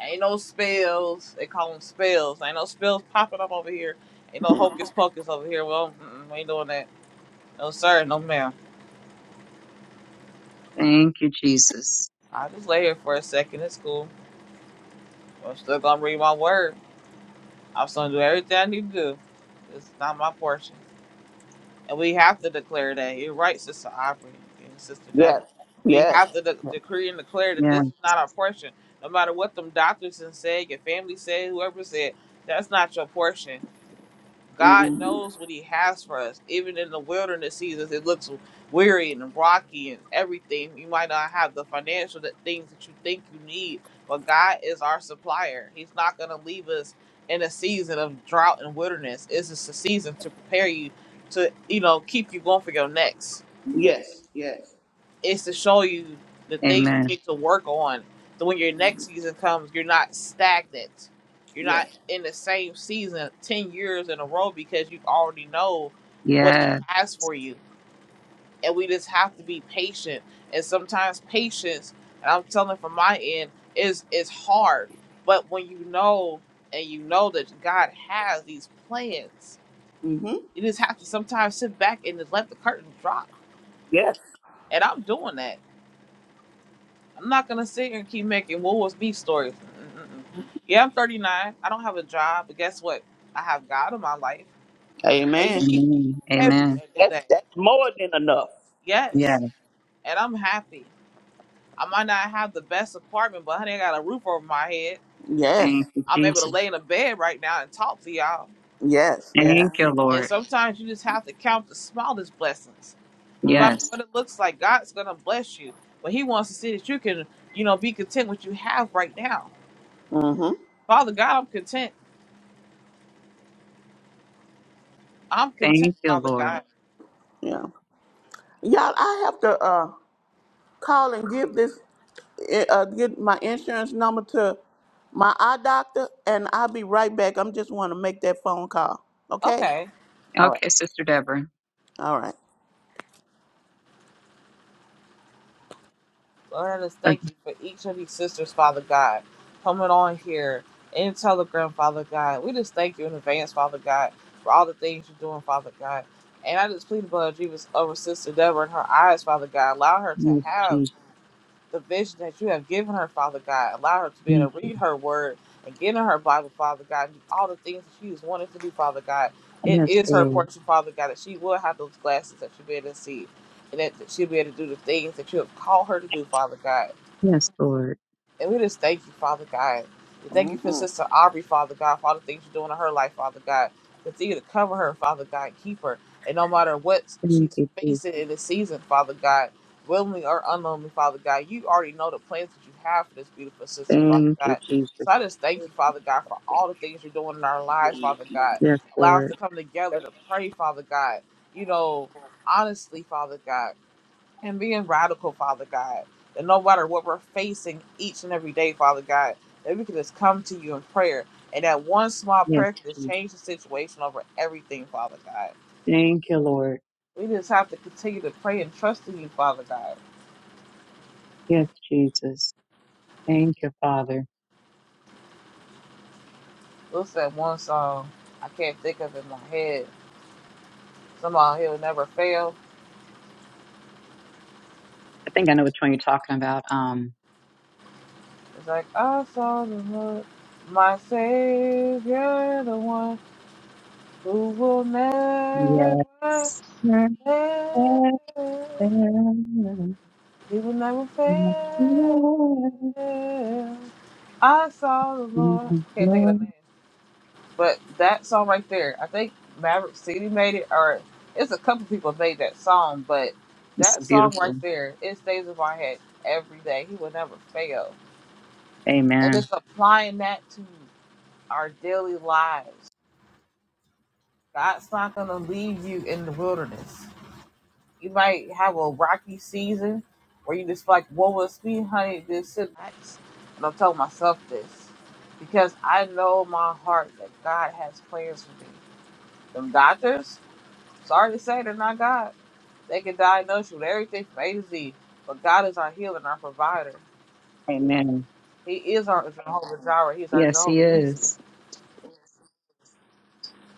S1: Ain't no spells. They call them spells. Ain't no spells popping up over here. Ain't no hocus pocus over here. Well, mm-mm, we ain't doing that. No sir, no ma'am.
S3: Thank you, Jesus.
S1: I just lay here for a second. It's cool. I'm still gonna read my word. I'm still gonna do everything I need to do. It's not my portion. And we have to declare that. You're right, Sister Aubrey and Sister
S2: Yes,
S1: Devin. We
S2: yes,
S1: have to de- decree and declare that
S3: Yeah.
S1: this is not our portion. No matter what them doctors and say, your family say, whoever said, that's not your portion. God
S2: hmm
S1: knows what He has for us. Even in the wilderness seasons, it looks weary and rocky and everything. You might not have the financial that things that you think you need, but God is our supplier. He's not going to leave us in a season of drought and wilderness. It's just a season to prepare you to, you know, keep you going for your next
S2: yes, yes,
S1: is to show you the things you
S3: Amen.
S1: need to work on. So when your next season comes, you're not stagnant. You're not
S2: yes.
S1: in the same season ten years in a row because you already know what he
S3: Yeah.
S1: has for you. And we just have to be patient. And sometimes patience, and I'm telling from my end, is is hard. But when you know and you know that God has these plans,
S2: hmm
S1: you just have to sometimes sit back and just let the curtain drop.
S2: Yes.
S1: And I'm doing that I'm not gonna sit here and keep making what was me stories. Mm-mm-mm. Yeah, I'm 39. I don't have a job, but guess what? I have God in my life, and He's
S2: Amen.
S1: keep
S3: Amen.
S1: every
S3: Amen.
S1: single
S2: That's
S1: day.
S2: that's more than enough.
S3: Yeah.
S1: Yes, and I'm happy. I might not have the best apartment, but honey, I got a roof over my head.
S2: Yes,
S3: Thank you,
S1: I'm able to
S3: Jesus.
S1: lay in a bed right now and talk to y'all.
S2: yes,
S3: Thank
S2: yeah.
S3: you,
S1: And
S3: Lord.
S1: sometimes you just have to count the smallest blessings. No matter
S2: Mm-hmm.
S3: Yes.
S1: what it looks like, God's gonna bless you. But He wants to see that you can, you know, be content with what you have right now.
S2: Mm-hmm.
S1: Father God, I'm content. I'm content,
S3: Thank you,
S1: Father
S3: Lord.
S1: God.
S2: Yeah. y'all. I have to. Uh, call and give this, eh, uh, get my insurance number to my eye doctor, and I'll be right back. I'm just want to make that phone call. Okay?
S1: Okay.
S3: Okay, Sister Deborah.
S2: All right.
S1: Lord, let us
S3: Uh,
S1: thank you for each of these sisters, Father God, coming on here in Telegram, Father God. We just thank you in advance, Father God, for all the things you're doing, Father God. And I just plead the blood of Jesus over Sister Deborah and her eyes, Father God. Allow her to
S3: Yes,
S1: have.
S3: Jesus.
S1: the vision that you have given her, Father God. Allow her to be
S3: Thank
S1: able to
S3: you.
S1: read her word and get in her Bible, Father God, and do all the things that she is wanting to do, Father God. It
S3: Yes,
S1: is her
S3: Lord.
S1: portion, Father God, that she will have those glasses that she'll be able to see and that she'll be able to do the things that you have called her to do, Father God.
S3: Yes, Lord.
S1: And we just thank you, Father God. We thank you for
S2: Mm-hmm.
S1: Sister Aubrey, Father God, for all the things you're doing in her life, Father God. Continue to cover her, Father God, keep her. And no matter what
S3: Thank
S1: she's
S3: you,
S1: facing
S3: Jesus.
S1: in this season, Father God, willingly or unknowingly, Father God, you already know the plans that you have for this beautiful sister, Father
S3: Thank you,
S1: God.
S3: Jesus.
S1: So I just thank you, Father God, for all the things you're doing in our lives, Father God.
S3: Yes,
S1: Allow us
S3: Lord.
S1: to come together to pray, Father God. You know, honestly, Father God and being radical, Father God. That no matter what we're facing each and every day, Father God, that we can just come to you in prayer. And that one small
S3: Yes,
S1: prayer can just
S3: Jesus.
S1: change the situation over everything, Father God.
S3: Thank you, Lord.
S1: We just have to continue to pray and trust in you, Father God.
S3: Yes, Jesus. Thank you, Father.
S1: What's that one song I can't think of it in my head? Somehow he'll never fail.
S3: I think I know which one you're talking about. Um,
S1: It's like, I saw the Lord, my Savior, the one who will never
S3: yes.
S1: fail. He will never fail. I saw the Lord. Can't think of the name, but that song right there. I think Maverick City made it, or it's a couple people made that song, but
S3: It's so
S1: that song right
S3: beautiful.
S1: there, it stays in my head every day. He will never fail, and
S3: Amen.
S1: it's applying that to our daily lives. God's not gonna leave you in the wilderness. You might have a rocky season where you just like, what was me, honey, this is nice. And I'm telling myself this because I know in my heart that God has plans for me. Them doctors, sorry to say, they're not God. They can diagnose you with everything from A to Z, but God is our healer and our provider.
S3: Amen.
S1: He is our Jehovah Jireh. He is our
S3: Yes, He
S1: Jehovah Nisi.
S3: is.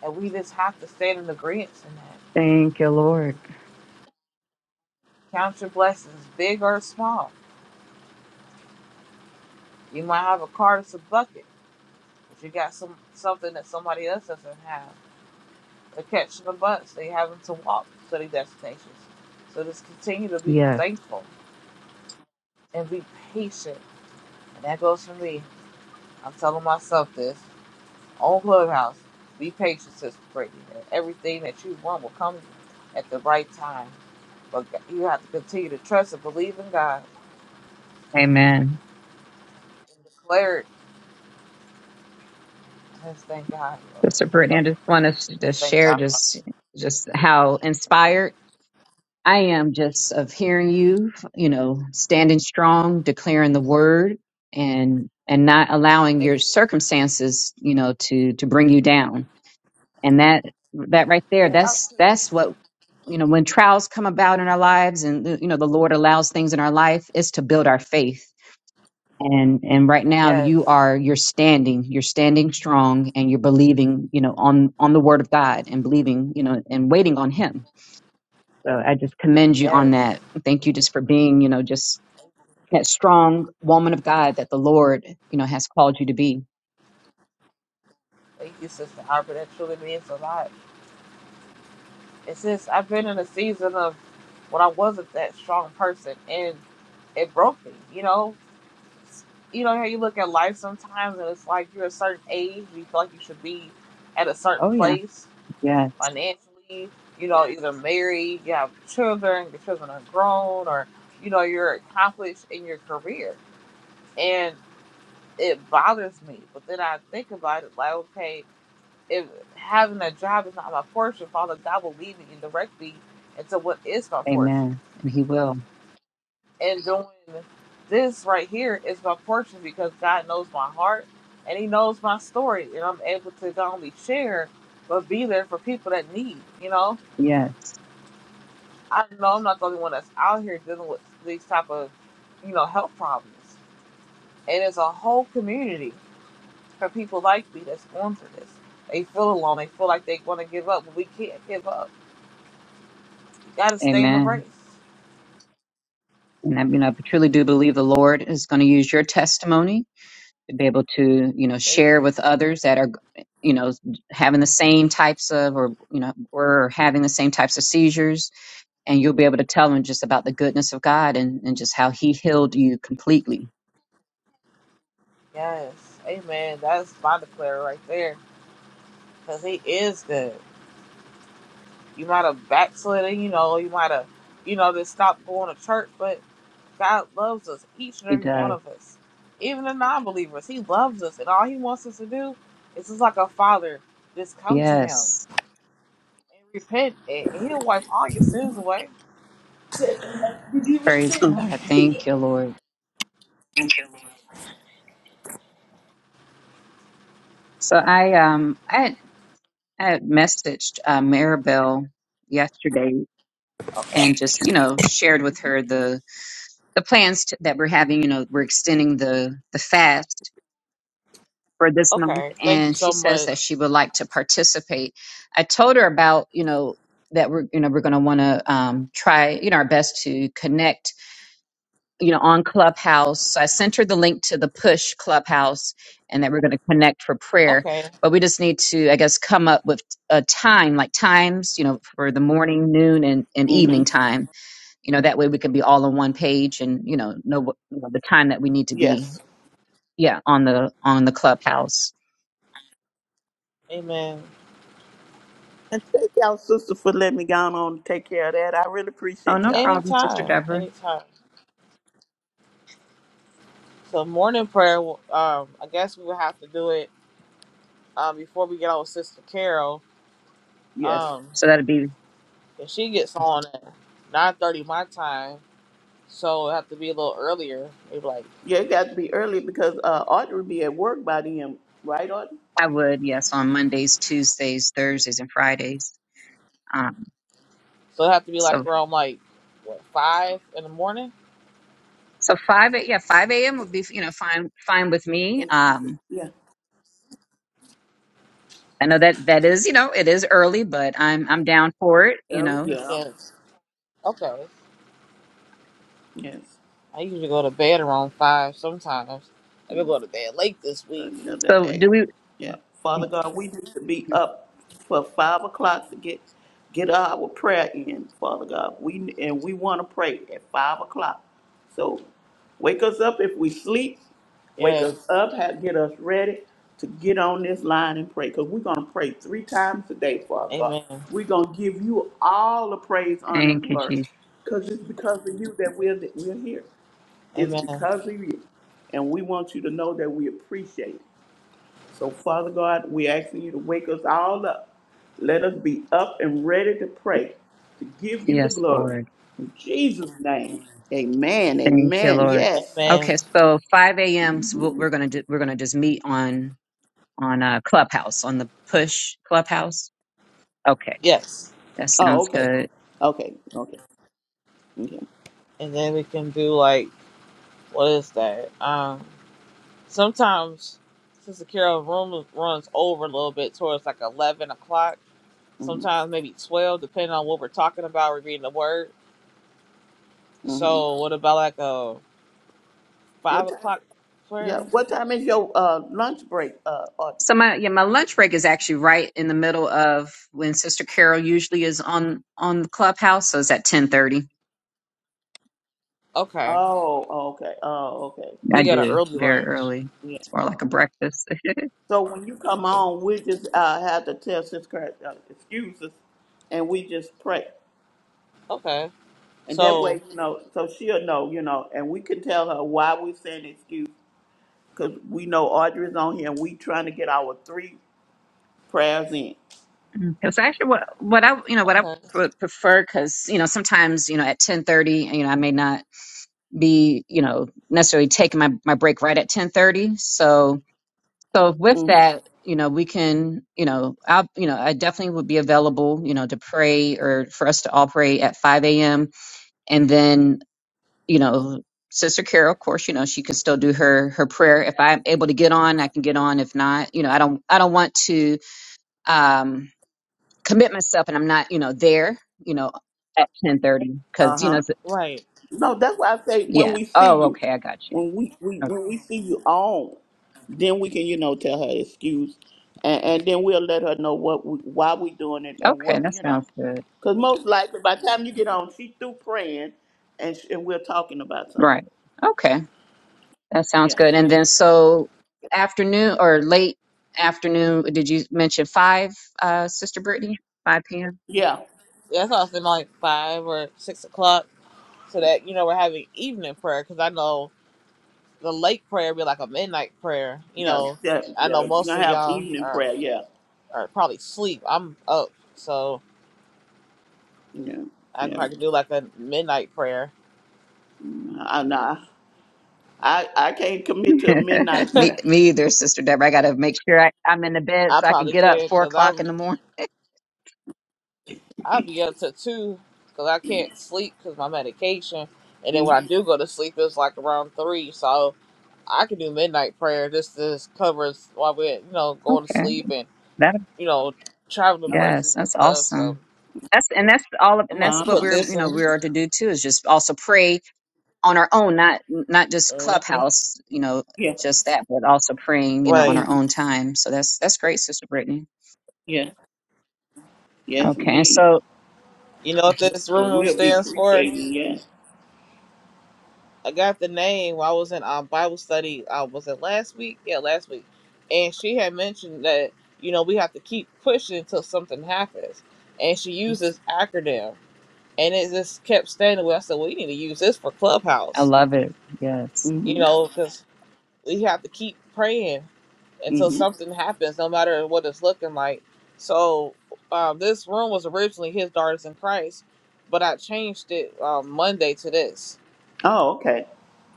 S1: And we just have to stand in agreement in that.
S3: Thank you, Lord.
S1: Count your blessings, big or small. You might have a car that's a bucket. If you got some something that somebody else doesn't have, they're catching the bus. They having to walk to their destinations. So just continue to be
S3: Yes.
S1: thankful and be patient. And that goes for me. I'm telling myself this on Clubhouse. Be patient, Sister Brady. And everything that you want will come at the right time. But you have to continue to trust and believe in God
S3: Amen.
S1: and declare it. Just thank God, Lord.
S3: Sister Brittany, I just want us to
S1: Just
S3: just
S1: thank
S3: share
S1: God.
S3: just just how inspired I am just of hearing you, you know, standing strong, declaring the word and and not allowing
S1: Thank
S3: your circumstances, you know, to to bring you down. And that that right
S1: you.
S3: there,
S1: Yeah.
S3: that's that's what you know, when trials come about in our lives and you know the Lord allows things in our life is to build our faith. And and right now
S1: Yes.
S3: you are you're standing, you're standing strong and you're believing, you know, on on the word of God and believing, you know, and waiting on him so I just commend you on
S1: Yes.
S3: that. Thank you just for being, you know, just that strong woman of God that the Lord, you know, has called you to be.
S1: Thank you, Sister Harper. That truly means a lot. It's just I've been in a season of when I wasn't that strong person, and it broke me. You know, you know how you look at life sometimes, and it's like you're a certain age, you feel like you should be at a certain
S3: Oh yeah.
S1: place
S3: Yes.
S1: financially. You know, either married, you have children, your children are grown, or you know you're accomplished in your career, and it bothers me. But then I think about it, like okay, if having a job is not my portion, Father God will lead me and direct me into what is my portion.
S3: Amen. And he will.
S1: and doing this right here is my portion because God knows my heart and He knows my story, and I'm able to not only share but be there for people that need. You know,
S3: Yes.
S1: I know I'm not the only one that's out here dealing with these type of you know health problems, and it's a whole community for people like me that's going through this. They feel alone. They feel like they want to give up, but we can't give up. You got to stay in the race.
S3: Amen. And I you know, I truly do believe the Lord is going to use your testimony to be able to, you know,
S1: Thank
S3: share
S1: you.
S3: with others that are you know, having the same types of, or, you know, or having the same types of seizures. And you'll be able to tell them just about the goodness of God and, and just how He healed you completely.
S1: Yes. Amen. That's my declare right there. Because he is good. You might have backslidden, you know, you might have, you know, just stopped going to church, but God loves us, each and
S3: He
S1: every
S3: does.
S1: one of us. Even the non believers, He loves us, and all He wants us to do is just like a father, just come to Him
S3: Yes.
S1: and repent, and and He'll wipe all your sins away.
S3: Praise
S2: Mm-hmm.
S3: God. Thank you, Lord. So I um I had, I had messaged uh, Maribel yesterday
S1: Okay,
S3: and just you know shared with her the the plans t- that we're having. You know, we're extending the the fast for this month,
S1: okay, thank you
S3: and she
S1: so
S3: says
S1: much.
S3: that she would like to participate. I told her about you know that we're you know we're going to want to um, try you know our best to connect you know, on Clubhouse. I sent her the link to the push Clubhouse and that we're going to connect for prayer.
S1: Okay,
S3: But we just need to, I guess, come up with a time, like times, you know, for the morning, noon, and, and evening
S2: Mm-hmm.
S3: time. You know, that way we can be all on one page and, you know, know, what, you know the time that we need to
S2: Yes.
S3: be, yeah, on the on the Clubhouse.
S1: amen.
S2: Thank y'all, sister, for letting me go on and take care of that. I really
S3: Oh,
S2: appreciate
S3: no
S2: y'all.
S3: problem, Sister
S1: Anytime,
S3: Deborah.
S1: anytime. So, morning prayer, um, I guess we will have to do it um, before we get on with Sister Carol.
S2: Yes.
S1: Um,
S3: So that'd be,
S1: And she gets on at nine thirty my time, so it have to be a little earlier. Maybe like
S2: Yeah, it got to be early because uh, Audrey will be at work by then, right, Audrey?
S3: I would, yes, on Mondays, Tuesdays, Thursdays, and Fridays. Um,
S1: so it have to be
S3: so
S1: like around like what five in the morning.
S3: So five, a- yeah, five a.m. would be you know fine, fine with me.
S2: And-
S3: Um,
S2: Yeah.
S3: I know that that is you know it is early, but I'm I'm down for it. You
S2: Early?
S3: know, if,
S2: Yeah.
S1: Yes. Okay.
S2: Yes.
S1: I usually go to bed around five sometimes. I've
S2: Mm-hmm.
S1: been going to bed late this week.
S2: another
S3: so
S2: act.
S3: do we?
S2: Yeah. Father God, we need to be
S3: hmm.
S2: up for five o'clock to get get our prayer in, Father God. We and we want to pray at five o'clock. So wake us up if we sleep. Wake
S1: Yes.
S2: us up, have, get us ready to get on this line and pray. Because we're gonna pray three times a day, Father God.
S1: Amen.
S2: We're gonna give you all the praise, honor, and
S3: Thank you,
S2: glory.
S3: Jesus.
S2: Because it's because of you that we're that we're here. It's
S1: Amen.
S2: because of you. And we want you to know that we appreciate it. So, Father God, we asking you to wake us all up. Let us be up and ready to pray, to give you the
S3: Yes,
S2: glory.
S3: Lord.
S2: In Jesus' name, amen,
S3: Thank you,
S2: amen,
S3: Lord.
S2: yes.
S1: Amen.
S3: Okay, so five a.m. So we'll- we're
S2: Mhm.
S3: gonna do, we're gonna just meet on. on uh, Clubhouse, on the push Clubhouse. Okay,
S1: Yes.
S3: that
S2: Oh,
S3: sounds
S2: okay,
S3: good.
S2: okay, okay, okay.
S1: And then we can do like what is that? Um. Sometimes since the Carol room runs over a little bit towards like eleven o'clock.
S2: hmm
S1: sometimes maybe 12, depending on what we're talking about. We're reading the word.
S2: hmm
S1: So, what about like a
S2: What
S1: 5
S2: time?
S1: o'clock
S2: Yeah,
S1: prayer?
S2: what time is your uh, lunch break? Uh, or,
S3: So my yeah, my lunch break is actually right in the middle of when Sister Carol usually is on on the Clubhouse. So it's at ten thirty.
S1: Okay.
S2: oh, okay, oh, okay.
S3: I
S1: You got an
S3: do
S1: early
S3: very
S1: lunch.
S3: early.
S2: Yeah.
S3: It's more like a breakfast.
S2: So when you come on, we just uh, have to tell Sister Christ, uh, excuse us, and we just pray.
S1: Okay.
S2: And that
S1: So,
S2: way, you know, so she'll know, you know, and we can tell her why we're saying excuse because we know Audrey's on here and we trying to get our three prayers in.
S3: Because actually, what what I you know what I
S1: okay.
S3: would prefer, because you know sometimes you know at ten thirty, you know I may not be you know necessarily taking my my break right at ten thirty. So so with
S2: hmm
S3: that, you know we can you know I will you know I definitely would be available you know to pray or for us to all pray at five a.m. and then you know Sister Carol, of course, you know she can still do her her prayer. If I'm able to get on, I can get on. If not, you know I don't I don't want to. um commit myself and I'm not, you know, there, you know, at 1030
S2: Uh
S3: because, you know,
S2: huh.
S3: it's-
S1: Like,
S2: No, that's why I say when
S3: yeah.
S2: we see
S3: Oh,
S2: you,
S3: okay. I got you.
S2: when we, we
S3: Okay.
S2: when we see you on, then we can, you know, tell her excuse, and, and then we'll let her know what we, why we doing it and
S3: Okay.
S2: what
S3: That
S2: you know,
S3: sounds good.
S2: because most likely by the time you get on, she through praying, and, sh and we're talking about something.
S3: Right. Okay. That sounds
S2: Yeah.
S3: good. And
S1: okay.
S3: then so afternoon or late afternoon, did you mention five, uh, Sister Brittany? 5 p.m.
S2: Yeah. Yeah.
S1: Yeah, that's often like 5 or 6 o'clock so that, you know, we're having evening prayer because I know the late prayer be like a midnight prayer. You
S2: Yeah,
S1: know,
S2: yeah,
S1: I
S2: yeah.
S1: know
S2: You're
S1: most
S2: gonna
S1: of
S2: have
S1: y'all
S2: evening
S1: are,
S2: prayer. Yeah,
S1: are probably sleep. I'm up. So,
S2: yeah,
S1: I
S2: yeah.
S1: probably could do like a midnight prayer.
S2: I, nah, I, I can't commit to a midnight
S3: me,
S2: prayer.
S3: me either, Sister Deborah. I got to make sure I, I'm in the bed
S1: I
S3: so I can
S1: probably
S3: get up
S1: can
S3: four
S1: because I'm.
S3: o'clock in the morning.
S1: I'll be up to two because I can't sleep because my medication. And
S2: hmm
S1: then when I do go to sleep, it's like around three. So I can do midnight prayer. This this covers while we're you know going to
S3: Okay.
S1: sleep and
S3: That,
S1: you know traveling
S2: Okay.
S1: mercies
S3: yes,
S1: and
S3: that's
S1: stuff. So
S3: awesome. That's, and that's all of,
S1: I'm
S3: and
S1: about
S3: that's
S1: to
S2: Uh
S3: what
S1: put
S2: huh.
S3: we're,
S1: this
S3: you know,
S1: in.
S3: we are to do too, is just also pray on our own, not not just
S1: hmm
S3: Clubhouse, you know,
S2: Yeah.
S3: just that, but also praying, you know, on
S1: Right.
S3: our
S2: hmm
S3: own time. So that's that's great, Sister Brittany.
S2: Yeah. Yes,
S3: Okay, and
S2: indeed.
S3: so
S1: You know what this
S2: And
S1: room
S2: we'll be
S1: stands for?
S2: appreciating. Yeah.
S1: I got the name while I was in um, Bible study. I was it last week? Yeah, last week. And she had mentioned that you know we have to keep pushing until something happens. And she used this acronym, and it just kept standing. Where I said, "Well, you need to use this for
S3: I
S1: Clubhouse,"
S3: love it. Yes.
S1: you
S2: Mhm.
S1: know, because we have to keep praying until
S2: Mhm.
S1: something happens, no matter what it's looking like. So uh, this room was originally his daughters in Christ, but I changed it um, Monday to this.
S2: Oh, okay.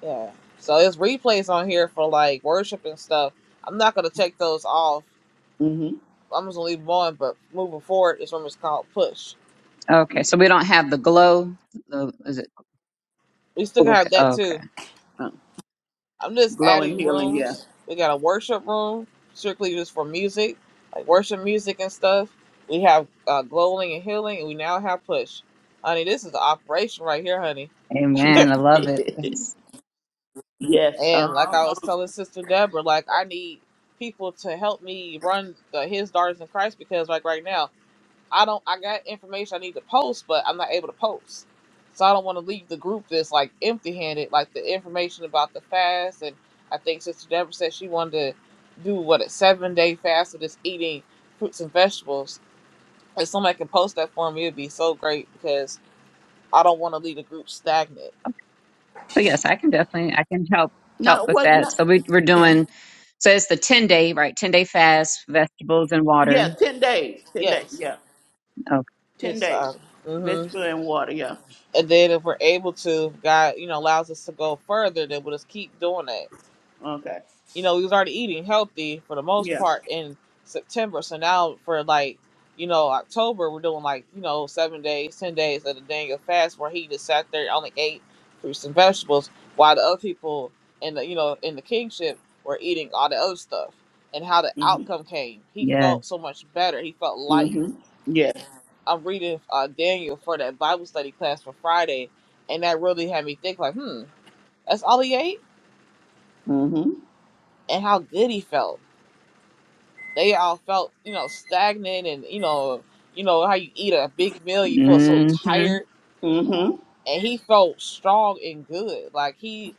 S1: Yeah. So there's replays on here for like worship and stuff. I'm not gonna take those off.
S2: Mhm.
S1: I'm just gonna leave them on, but moving forward this room is called push.
S3: Okay, so
S2: Okay.
S3: we don't have the glow. The, is it
S1: We still can
S3: okay?
S1: have that
S3: Okay.
S1: too.
S2: Uh,
S1: I'm just
S2: glow and
S1: adding
S2: healing. Yeah.
S1: rooms. We got a worship room, strictly just for music, like worship music and stuff. We have uh, glowing and healing, and we now have push. Honey, this is the operation right here, honey.
S3: Amen. I love it. It's,
S2: yes.
S1: And like
S2: Uh
S1: I was
S2: huh.
S1: telling Sister Deborah, like I need people to help me run the His Daughters in Christ because like right now I don't I got information I need to post, but I'm not able to post. So I don't want to leave the group that's like empty handed, like the information about the fast and I think Sister Deborah said she wanted to do what a seven day fast of just eating fruits and vegetables. If somebody can post that for me, it'd be so great because I don't want to leave the group stagnant.
S3: so yes, I can definitely I can help help
S2: No.
S3: with
S2: What? No.
S3: that. So we we're
S2: Yeah.
S3: doing. So it's the ten day right, ten day fast, vegetables and
S2: Yeah.
S3: water.
S2: Ten days. Ten days.
S1: Yes.
S2: Yeah.
S3: Okay.
S2: Ten
S1: Just
S2: days.
S1: um hmm
S2: Vegetable and water. Yeah.
S1: and then if we're able to God, you know, allows us to go further, then we'll just keep doing that
S2: Okay.
S1: you know, we was already eating healthy for the most
S2: Yeah.
S1: part in September. So now for like, you know, October, we're doing like, you know, seven days, ten days of the Daniel fast where he just sat there and only ate fruits and vegetables while the other people in the you know, in the kingship were eating all the other stuff. And how the
S2: Mm-hmm.
S1: outcome came. He
S3: Yes.
S1: felt so much better. He felt light.
S2: Mm-hmm. Yes.
S1: I'm reading uh, Daniel for that Bible study class for Friday, and that really had me think like, hmm, that's all he ate,
S2: Mm-hmm.
S1: and how good he felt they all felt you know stagnant and you know you know how you eat a big meal you feel so
S3: Mm-hmm.
S1: tired
S2: Mm-hmm.
S1: and he felt strong and good like he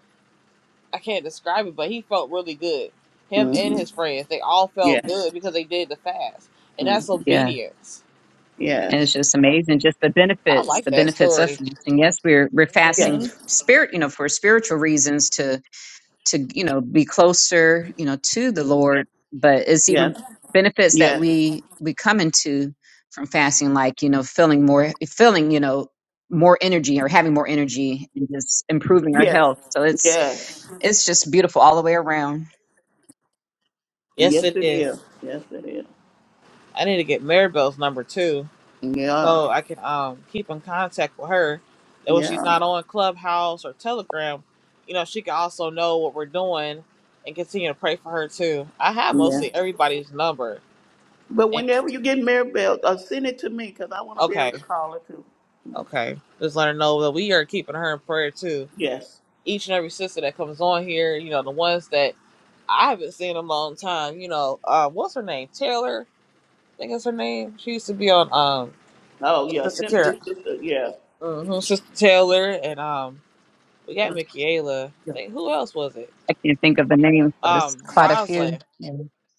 S1: i can't describe it but he felt really good him and
S2: Mm-hmm.
S1: his friends they all felt
S2: Yes.
S1: good because they did the fast and
S2: Mm.
S1: that's
S3: Yes.
S1: obedience
S3: and it's
S2: Yes.
S3: just amazing just the
S1: i
S3: benefits
S1: like
S3: the
S1: that
S3: benefits of
S1: story
S3: fasting yes we're we're
S2: Yes.
S3: fasting
S1: hmm
S3: f- spirit you know for spiritual reasons to to you know be closer you know to the lord but it's even
S2: Yes.
S3: benefits that
S2: Yes.
S3: we we come into from fasting like you know feeling more feeling you know more energy or having more energy and just improving our
S2: Yes.
S3: health so
S2: Yes.
S3: it's it's just beautiful all the way around
S1: yes
S2: Yes,
S1: it
S2: it is.
S1: is
S2: Yes, it is.
S1: i need to get maribel's number too
S2: Yeah.
S1: so I can um keep in contact with her. That when she's
S2: Yeah.
S1: not on Clubhouse or Telegram, you know, she can also know what we're doing and continue to pray for her too. I have
S2: Yeah.
S1: mostly everybody's number.
S2: But
S1: And
S2: whenever you get Maribel, uh, send it to me because I want to be able to
S1: okay,
S2: call her too.
S1: okay. Just let her know that we are keeping her in prayer too.
S2: Yes.
S1: Each and every sister that comes on here, you know, the ones that I haven't seen in a long time, you know, uh what's her name? Taylor, I think is her name. She used to be on um
S2: Oh, yeah.
S1: Sister Kara.
S2: Simply sister. Yeah.
S1: hmm Sister Taylor and um We
S2: Yeah.
S1: got Michaela. I
S2: Yeah.
S1: think who else was it?
S3: i can't think of the names but it's
S1: Um,
S3: quite a few
S1: Roslyn.
S3: yeah.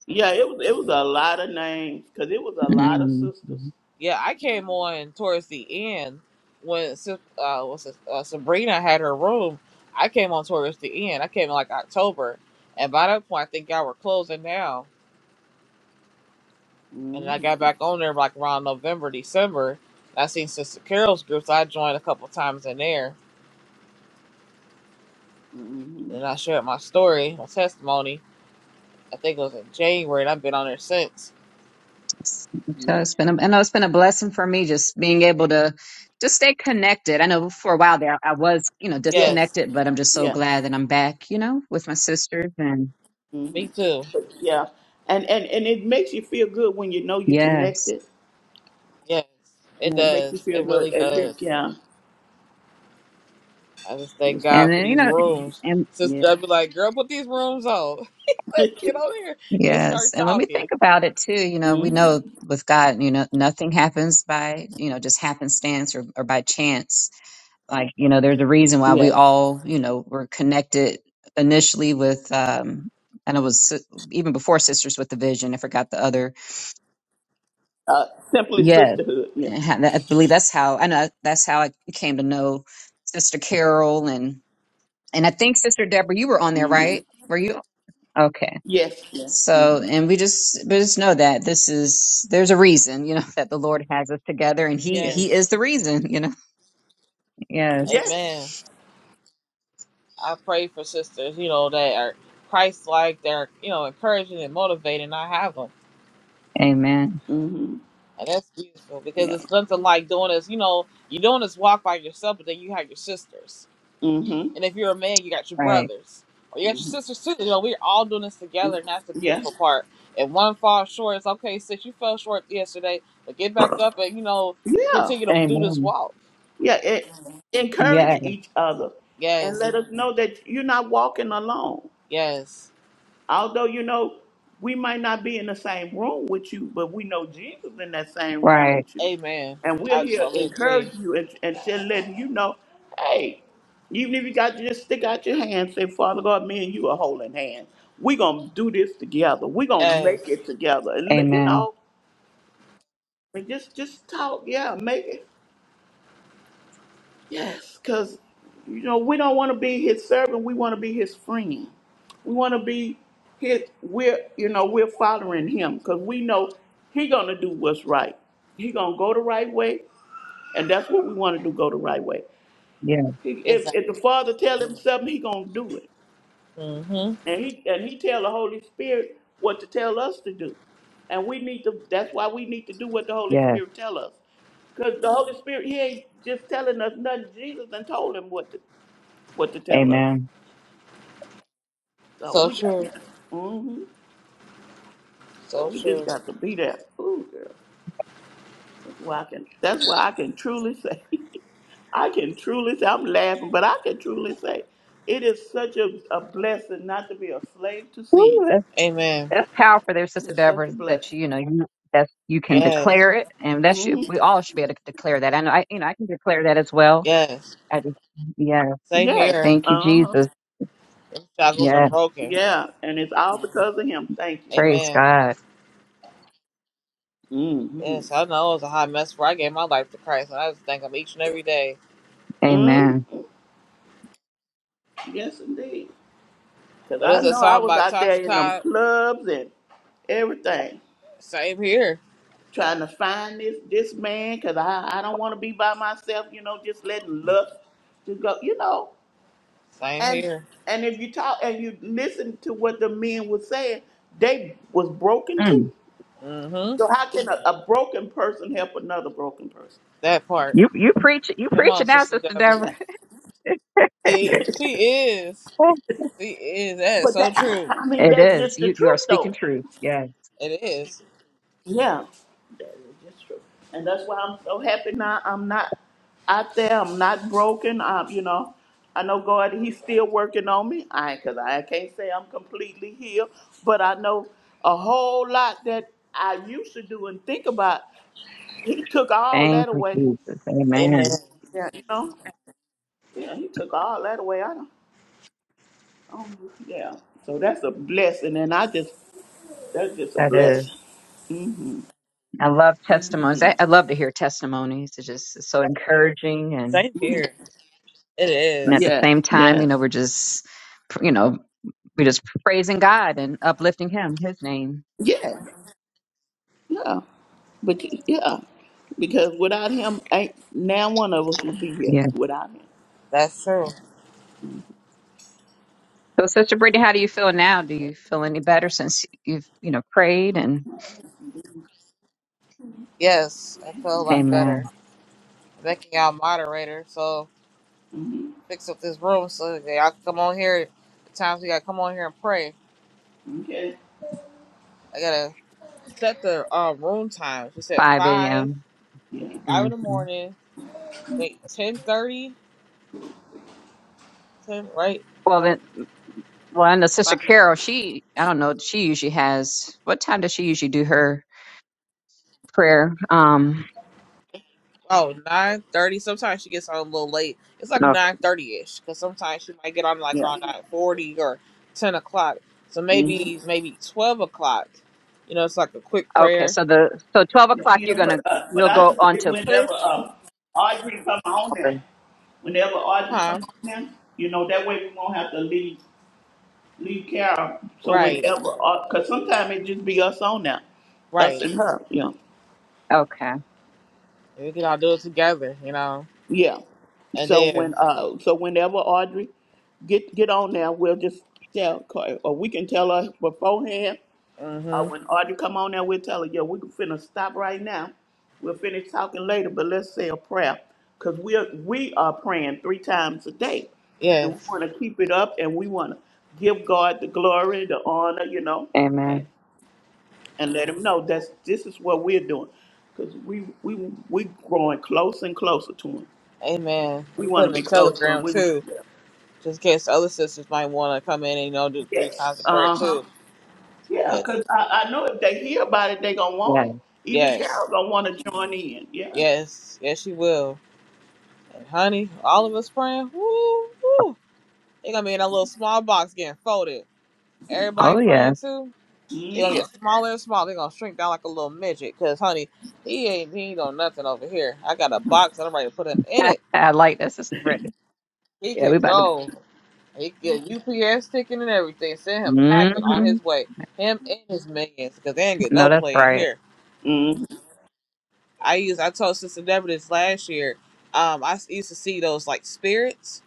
S2: Yeah, It was. It was a lot of names because it was a lot of
S3: Mm.
S2: sisters.
S1: Yeah, I came on towards the end when Sa- uh, what's it, uh, Sabrina had her room. I came on towards the end. I came in like October, and by that point, I think y'all were closing down. And then I got
S2: Mm-hmm.
S1: back on there like around November, December. I seen Sister Carol's group, so I joined a couple times in there. And
S2: Mm-hmm.
S1: I shared my story, my testimony. I think it was in January, and I've been on there since.
S3: So
S2: Yep.
S3: it's been, a, I know it's been a blessing for me just being able to just stay connected. I know for a while there I was, you know,
S2: Yes.
S1: Yes,
S3: disconnected, but I'm just so
S2: Yeah.
S3: glad that I'm back, you know, with my sisters and
S1: me too.
S2: Yeah. And, and and it makes you feel good when you know you
S3: yes.
S2: connected.
S1: Yes, it
S2: Yeah, it makes you
S1: does.
S2: feel
S1: It
S2: good.
S1: really
S2: And then,
S1: does.
S2: yeah.
S1: I just thank
S3: And
S1: God for
S3: then, you
S1: these
S3: know,
S2: hmm
S1: rooms.
S3: and
S2: Yeah.
S1: Sister, I'd be like, girl, put these rooms on. Let's get on here and
S3: yes.
S1: start
S3: And when we
S1: talking.
S3: think about it too, you know, we
S2: hmm
S3: know with God, you know, nothing happens by, you know, just happenstance or, or by chance Like, you know, there's a reason why we
S2: Yes.
S1: Yes.
S3: all, you know, were connected initially with, um, and it was si- even before Sisters with the Vision. I forgot the other.
S2: Uh, simply
S3: Yes.
S2: sisterhood. Yeah.
S3: And ha- that- I believe that's how, I know that's how I came to know Sister Carol and, and I think Sister Deborah, you were on there,
S2: hmm
S3: right? Were you? Okay.
S2: Yes. Yeah.
S3: So,
S2: hmm
S3: and we just, but just know that this is, there's a reason, you know, that the Lord has us together and he,
S2: Yes.
S3: he
S1: Yes.
S3: is the reason, you know? Yes.
S1: Amen.
S2: Yes.
S1: I pray for sisters, you know, that are Christ like, they're, you know, encouraging and motivating. I have them.
S3: Amen.
S2: hmm
S1: And that's beautiful because
S2: Yeah.
S1: it's nothing like doing this, you know, you're doing this walk by yourself, but then you have your sisters.
S2: hmm
S1: And if you're a man, you got your
S3: Right.
S1: brothers or you got your
S2: hmm
S1: sisters too. You know, we're all doing this together, and that's the
S2: Yeah.
S1: beautiful part. If one falls short, it's okay, sis. You fell short yesterday, but get back up and you know
S2: Yeah.
S1: continue to do this
S3: Amen.
S1: walk.
S2: Yeah. E-
S3: Yes.
S2: encourage each other and
S1: Yes,
S2: let us know that you're not walking alone.
S1: yes,
S2: Although, you know, we might not be in the same room with you, but we know Jesus in that same room
S3: Right.
S2: with you.
S1: amen.
S2: And we're
S1: I
S2: here to
S1: totally agree.
S2: encourage you and, and just letting you know, hey, even if you got to just stick out your hand, say, Father God, me and you are holding hands. We're gonna do this together. We're gonna
S1: Yes,
S2: make it together. And let- you
S3: Amen.
S2: know, and just just talk, yeah, make it. Yes, because you know we don't want to be his servant. We want to be his friend. We want to be his. We're you know we're following him because we know he gonna do what's right. He gonna go the right way, and that's what we want to do. Go the right way.
S3: Yes.
S2: He, if,
S1: exactly.
S2: if the Father tell him something, he gonna do it,
S1: hmm
S2: and he and he tell the Holy Spirit what to tell us to do, and we need to. That's why we need to do what the Holy
S3: Yes.
S2: Spirit tell us. Because the Holy Spirit, He ain't just telling us nothing. Jesus done told him what to do what to tell us.
S3: Amen.
S2: So
S1: So
S2: we got
S1: true,
S2: yeah. hmm So
S1: so
S2: we just
S1: true.
S2: got to be there. Ooh, girl. That's why I can. That's why I can truly say. I can truly say. I'm laughing, but I can truly say, it is such a, a blessing not to be a slave to sin.
S3: Woo, that's,
S1: Amen.
S3: that's powerful there, Sister
S2: It's such
S3: Deborah,
S2: a
S3: that
S2: blessing.
S3: you, you know, you- that's, you can
S1: Yes,
S3: declare it. And that should,
S2: hmm
S3: we all should be able to declare that. And I, you know, I can declare that as well.
S1: yes.
S3: I just, yeah.
S1: Same
S2: Yes.
S1: here.
S3: Thank you,
S2: Uh huh.
S3: Jesus.
S1: Them shackles are
S3: Yeah.
S1: broken.
S2: Yeah. And it's all because of Him. Thank you, Father.
S3: Praise
S1: Amen.
S3: God.
S2: Mm-hmm.
S1: Yes, I know it was a hot mess before I gave my life to Christ, and I just thank Him each and every day.
S2: Mm,
S3: Amen.
S2: yes, indeed. Because
S1: What
S2: I
S1: is that
S2: know I
S1: song
S2: was
S1: by
S2: out there
S1: Tasha
S2: in them
S1: Cobb?
S2: clubs and everything.
S1: Same here.
S2: trying to find this this man because I, I don't want to be by myself, you know, just letting lust to go, you know.
S1: Same
S2: And
S1: here.
S2: and if you talk and you listen to what the men were saying, they was broken
S3: Mm.
S2: too.
S1: Mm-hmm.
S2: So how can a, a broken person help another broken person?
S1: That part.
S3: You, you preach, you
S1: Come
S3: preach
S1: on,
S3: it now,
S1: Sister
S3: Sister
S1: Deborah.
S3: Deborah.
S2: Yeah.
S1: It, she is. She is. That is
S2: But
S1: so
S2: that
S1: true.
S2: I mean
S3: it
S2: that's
S3: is.
S2: just the
S3: You, you are
S2: truth
S3: speaking
S2: though.
S3: truth. Yes.
S1: It is.
S2: Yeah, that is just true. And that's why I'm so happy now. I'm not out there. I'm not broken. Um, you know, I know God, He's still working on me. I, cause I can't say I'm completely healed, but I know a whole lot that I used to do and think about. He took all
S3: Thank
S2: that away.
S3: you, Jesus.
S1: Amen.
S3: Amen.
S2: Yeah, you know. Yeah, He took all that away. I don't. Oh, yeah. So that's a blessing, and I just that's just a
S3: That is.
S2: blessing.
S3: I love testimonies. I, I love to hear testimonies. It's just so encouraging, and
S1: Same here. It
S3: and at the
S1: is.
S2: yes,
S3: same time, you
S2: yes,
S3: know, we're just, you know, we're just praising God and uplifting Him, His name.
S2: yes. Yeah, but yeah, because without him, ain't now one of us will be here
S3: Yeah.
S2: without him.
S1: That's true.
S3: So, Sister Brittany, how do you feel now? Do you feel any better since you've, you know, prayed and
S1: Yes, I feel a lot better.
S3: Amen.
S1: Making y'all moderator, so fix up this room so that y'all can come on here. The times we gotta come on here and pray.
S2: Okay.
S1: I gotta set the um, room times. We said
S3: Five
S1: five,
S3: a.m.
S1: five
S3: hmm
S1: in the morning, like ten thirty. 10, right?
S3: Well
S1: No.
S3: then, well, and the Sister
S1: Five,
S3: Carol, she, I don't know, she usually has. What time does she usually do her prayer? Um,
S1: oh, nine thirty. Sometimes she gets on a little late. It's like 9.30ish because sometimes she might get on like
S2: Yeah.
S1: around 9.40 or 10 o'clock. So
S2: hmm
S1: maybe maybe 12 o'clock. You know, it's like a quick
S3: Okay,
S1: prayer.
S3: so the so twelve
S2: Yeah,
S3: o'clock you're
S2: yeah,
S3: gonna
S2: but uh, but
S3: you'll
S2: I
S3: go
S2: just
S3: on
S2: say
S3: to push.
S2: whenever uh, Audrey come on now,
S3: Okay.
S2: whenever Audrey come
S1: Huh?
S2: on now, you know that way we won't have to leave leave Carol. So
S1: Right.
S2: whenever, because sometimes it just be us on now, us
S1: Right.
S2: and her. Yeah.
S3: Okay.
S1: And we can all do it together, you know.
S2: Yeah.
S1: And
S2: So when
S1: then,
S2: uh so whenever Audrey get get on there, we'll just tell Car- or we can tell her beforehand. Uh,
S1: mm-hmm.
S2: when Audrey come on there, we'll tell her, yeah, we can finna stop right now. We'll finish talking later, but let's say a prayer. Cause we are we are praying three times a day. And we
S1: Yes.
S2: wanna keep it up and we wanna give God the glory, the honor, you know, and,
S3: Amen.
S2: and let him know that's this is what we're doing. Cause we we we growing close and closer to him.
S1: Amen.
S2: We
S1: I'm
S2: want to
S1: putting a
S2: be close to them.
S1: telegram
S2: We, was-
S1: too,
S2: yeah.
S1: just in case the other sisters might want to come in and, you know, do three
S2: yes,
S1: times a prayer
S2: uh-huh,
S1: too.
S2: yeah,
S1: Yes,
S2: because I, I know if they hear about it, they gonna
S3: Yeah.
S2: want it. Even Carol
S1: Yes.
S2: gonna want to join in, yeah.
S1: Yes. Yes, she will. And honey, all of us praying. Woo, woo. They're gonna be in that little small box getting folded. Everybody
S3: Oh yeah.
S1: praying too. They're gonna get
S2: Mm-hmm.
S1: smaller and smaller. They're gonna shrink down like a little midget. Cause honey, he ain't he ain't on nothing over here. I got a box and I'm ready to put him in it.
S3: I like that, Sister Brittany.
S1: He
S3: Yeah, we
S1: can
S3: about to.
S1: go. He can get UPS ticket and everything. Send him packing on
S3: Mm-hmm.
S1: his way. Him and his minions, because they ain't get
S3: No,
S1: no
S3: that's
S1: play in
S3: right.
S1: here.
S2: hmm
S1: I used I told Sister Deborah this last year. Um, I used to see those like spirits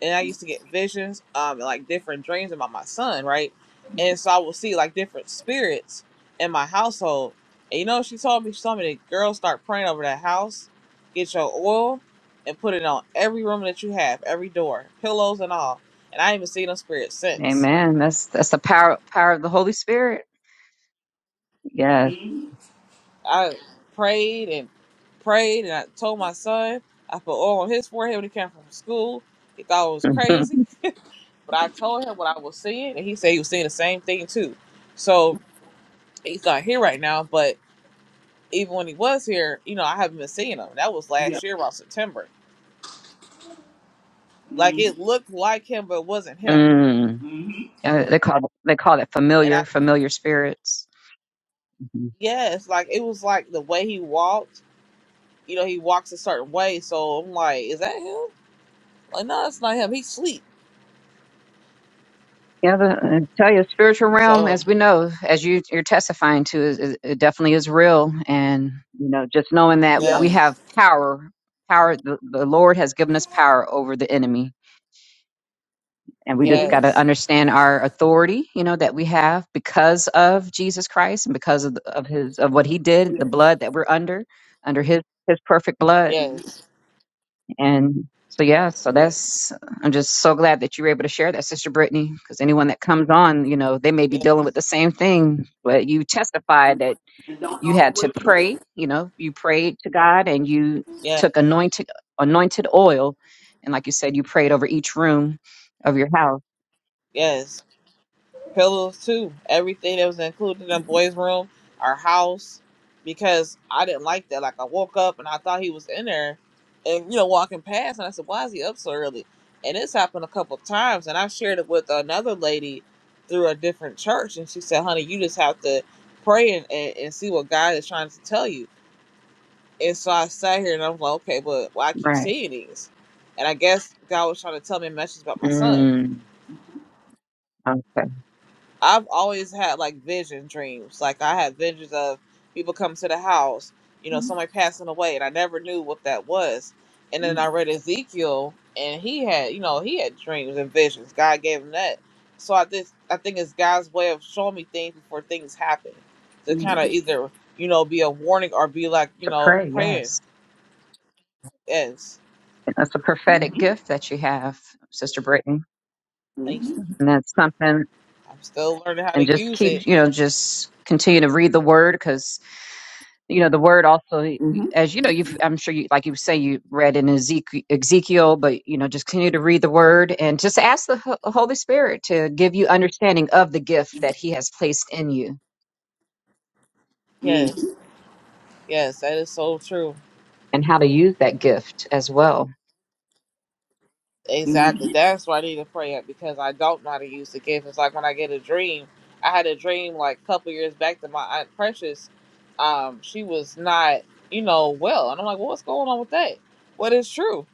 S1: and I used to get visions, um, like different dreams about my son, right? And so I would see like different spirits in my household. And you know, she told me, she told me that girls start praying over that house, get your oil, and put it on every room that you have, every door, pillows and all. And I ain't even seen no spirits since.
S3: Amen. That's that's the power power of the Holy Spirit. Yes.
S1: I prayed and prayed, and I told my son I put oil on his forehead when he came from school. He thought it was crazy,
S3: Mhm.
S1: but I told him what I was seeing, and he said he was seeing the same thing too. So he's not here right now, but even when he was here, you know, I haven't been seeing him. That was
S2: Yeah,
S1: last year about September. Like it looked like him, but it wasn't him.
S3: mm Uh, They call they call it
S1: And I,
S3: familiar familiar spirits. Mm-hmm.
S1: yes, like it was like the way he walked. You know, he walks a certain way, so I'm like, is that him? Like, no, it's not him. He's asleep.
S3: Yeah, the, I tell you, the spiritual realm,
S1: So
S3: as we know, as you, you're testifying to, is, is, it definitely is real. And, you know, just knowing that we
S2: yeah,
S1: yes,
S3: have power, power, the, the Lord has given us power over the enemy. And we just got
S2: mm-hmm,
S3: to
S1: yes,
S3: understand our authority, you know, that we have because of Jesus Christ and because of, the- of his, of what he did,
S2: yeah,
S3: the blood that we're under, under his, his perfect blood
S1: yes,
S3: and so, yeah, so
S2: yeah.
S3: that's, I'm just so glad that you were able to share that, Sister Brittany, because anyone that comes on, you know, they may be
S1: yes,
S3: dealing with the same thing, but you testified that
S2: And don't
S3: you
S2: know
S3: had to
S2: what.
S3: pray, you know, you prayed to God and you
S1: yes,
S3: took anointed, anointed oil. And like you said, you prayed over each room of your house.
S1: yes. pillows too, everything that was included in the boys' room, our house, because I didn't like that. Like I woke up and I thought he was in there, and you know walking past, and I said, "Why is he up so early?" And this happened a couple of times, and I shared it with another lady through a different church, and she said, "Honey, you just have to pray and, and, and see what God is trying to tell you." And so I sat here and I was like, "Okay, but why I keep
S3: Right.
S1: seeing these?" And I guess God was trying to tell me a message about my son
S3: Mm, okay.
S1: I've always had like vision dreams. Like I had visions of people come to the house, you know, somebody passing away, and I never knew what that was. And then I read Ezekiel, and he had, you know, he had dreams and visions. God gave him that. So I just, I think it's God's way of showing me things before things happen, to kind of either, you know, be a warning or be like, you
S3: To
S1: know,
S3: pray,
S1: praying.
S3: yes.
S1: Yes,
S3: That's a prophetic gift that you have, Sister Brittany.
S1: thank you.
S2: Mm-hmm,
S3: And that's something
S1: I'm still learning how to
S3: and just
S1: use
S3: keep
S1: it.
S3: you know just continue to read the word because you know the word also
S2: mm-hmm,
S3: as you know you have i'm sure you like you say you read in ezekiel, ezekiel but you know just continue to read the word and just ask the Ho- holy spirit to give you understanding of the gift that he has placed in you
S2: mm-hmm,
S1: Yes, yes, that is so true.
S3: and how to use that gift as well
S1: Exactly.
S2: mm-hmm.
S1: That's why I need to pray up because I don't know how to use the gift. It's like when I get a dream. I had a dream like a couple years back that my aunt Precious, um, she was not, you know, well, and I'm like, well, what's going on with that? But it's true,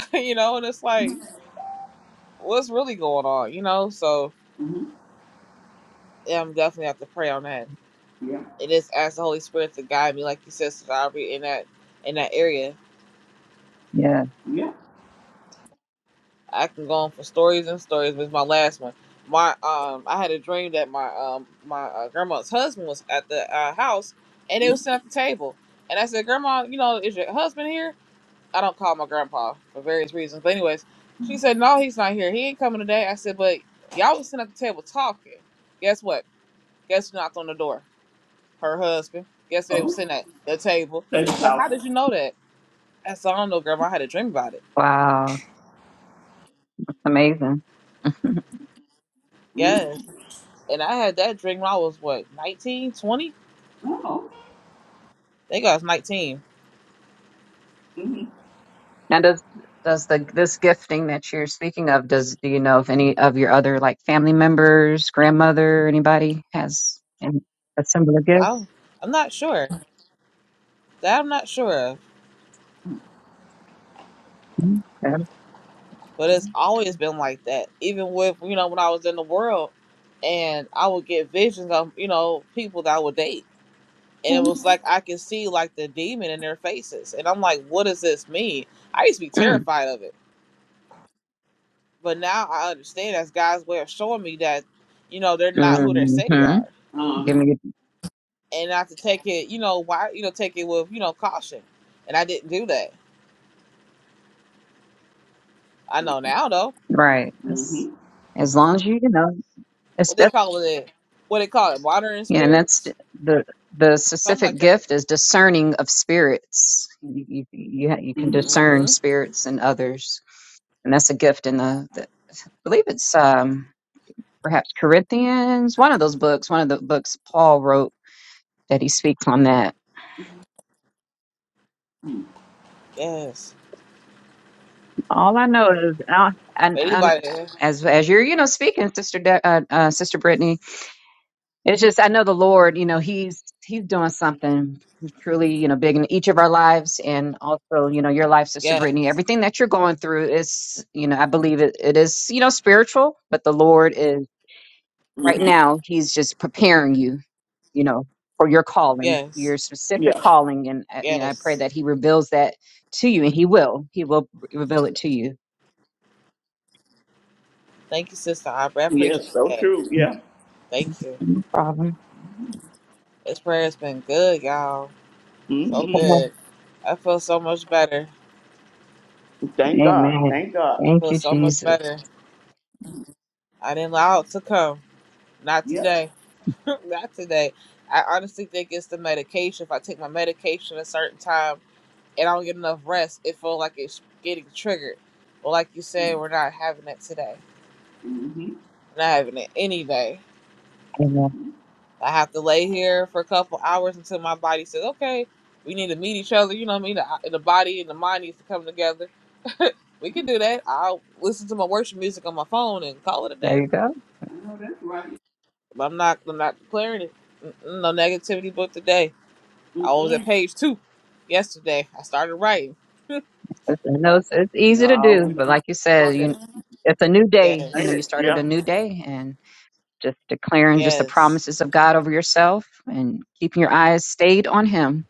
S1: you know? And it's like, what's really going on, you know? So yeah, I'm definitely have to pray on that.
S2: Yeah,
S1: And just ask the Holy Spirit to guide me, like you said, so that I'll be in that in that area
S3: yeah
S2: yeah.
S1: I can go on for stories and stories. But it's my last one. My um, I had a dream that my um, my uh, grandma's husband was at the uh, house, and they was sitting at the table. And I said, "Grandma, you know, is your husband here?" I don't call my grandpa for various reasons. But anyways, she said, "No, he's not here. He ain't coming today." I said, "But y'all was sitting at the table talking. Guess what? Guess who knocked on the door? Her husband. Guess who they
S2: Oh,
S1: was sitting at the table."
S2: that's
S1: She's like, "How
S2: powerful.
S1: did you know that?" I said, "I don't know, grandma. I had a dream about it."
S3: wow that's amazing
S1: Yes. and I had that drink when I was what nineteen, twenty. 20?
S2: Oh,
S1: I think I was 19.
S3: Now, does does the this gifting that you're speaking of, does do you know if any of your other like family members, grandmother, anybody has an, a similar gift?
S1: I'm I'm not sure. That I'm not sure of.
S3: Mm-hmm.
S1: But it's always been like that. Even with you know when I was in the world, and I would get visions of you know people that I would date, and it was like I could see like the demon in their faces, and I'm like, what does this mean? I used to be terrified of it, but now I understand that's God's way of showing me that you know they're not who they say they
S3: Mm-hmm.
S1: are
S3: Give
S2: um,
S3: me
S1: and not to take it, you know, why, you know, take it with, you know, caution. And I didn't do that. I know now though.
S3: right. That's-
S2: mm-hmm,
S3: as long as you, you know, it's
S1: What they
S3: def-
S1: call it? What they call it? Water and
S3: yeah, and that's
S1: spirits,
S3: d- the the
S1: something like
S3: specific
S1: that.
S3: gift is discerning of spirits. You you, you, ha- you can
S2: mm-hmm.
S3: discern
S1: Mm-hmm.
S3: spirits and others, and that's a gift in the, the I believe it's um. perhaps Corinthians, one of those books, one of the books Paul wrote that he speaks on that.
S1: Yes.
S3: All I know is, uh, and,
S1: But
S3: and
S1: anybody?
S3: as as you're you know speaking, sister De- uh, uh, sister Brittany, it's just I know the Lord, you know, he's he's doing something truly you know big in each of our lives, and also you know your life, sister Brittany.
S1: Yes.
S3: Everything that you're going through is you know I believe it, it is you know spiritual, but the Lord is. Right now, He's just preparing you, you know, for your calling,
S1: Yes.
S3: your specific
S2: Yeah,
S3: calling. And, uh, you know, I pray
S1: Yes.
S3: that He reveals that to you, and He will. He will reveal it to you.
S1: Thank you, Sister Aubrey. I
S2: yes,
S1: appreciate
S2: so
S1: that.
S2: true, yeah.
S1: Thank you.
S3: No problem.
S1: This prayer has been good, y'all. So
S2: Mm-hmm.
S1: good. I feel so much better.
S2: Thank God,
S3: Amen.
S2: thank God.
S1: I
S3: Thank
S1: feel
S3: you,
S1: so much
S3: Jesus.
S1: better. I didn't allow it to come. Not
S2: Yeah.
S1: today. Not today. I honestly think it's the medication. If I take my medication at a certain time and I don't get enough rest, it feels like it's getting triggered. But like you said, we're not having it today.
S2: Mm-hmm.
S1: We're not having it any day.
S3: Amen.
S1: I have to lay here for a couple hours until my body says, okay, we need to meet each other. You know what I mean? The, the body and the mind needs to come together. We can do that. I'll listen to my worship music on my phone and call it a
S3: There
S1: day.
S3: you go.
S2: I know that's right.
S1: But I'm not. I'm not declaring it. No negativity book today. I was at
S2: Mm-mm.
S1: page two yesterday. I started writing.
S3: It's, I know it's, it's easy to
S2: No,
S3: do,
S2: we
S3: but
S2: don't
S3: like you said,
S2: want that.
S3: you it's a new day. You
S2: Ain't
S3: know,
S1: Yes.
S2: it?
S3: you started
S2: Yeah.
S3: a new day and just declaring just the
S1: Yes.
S3: promises of God over yourself and keeping your eyes stayed on Him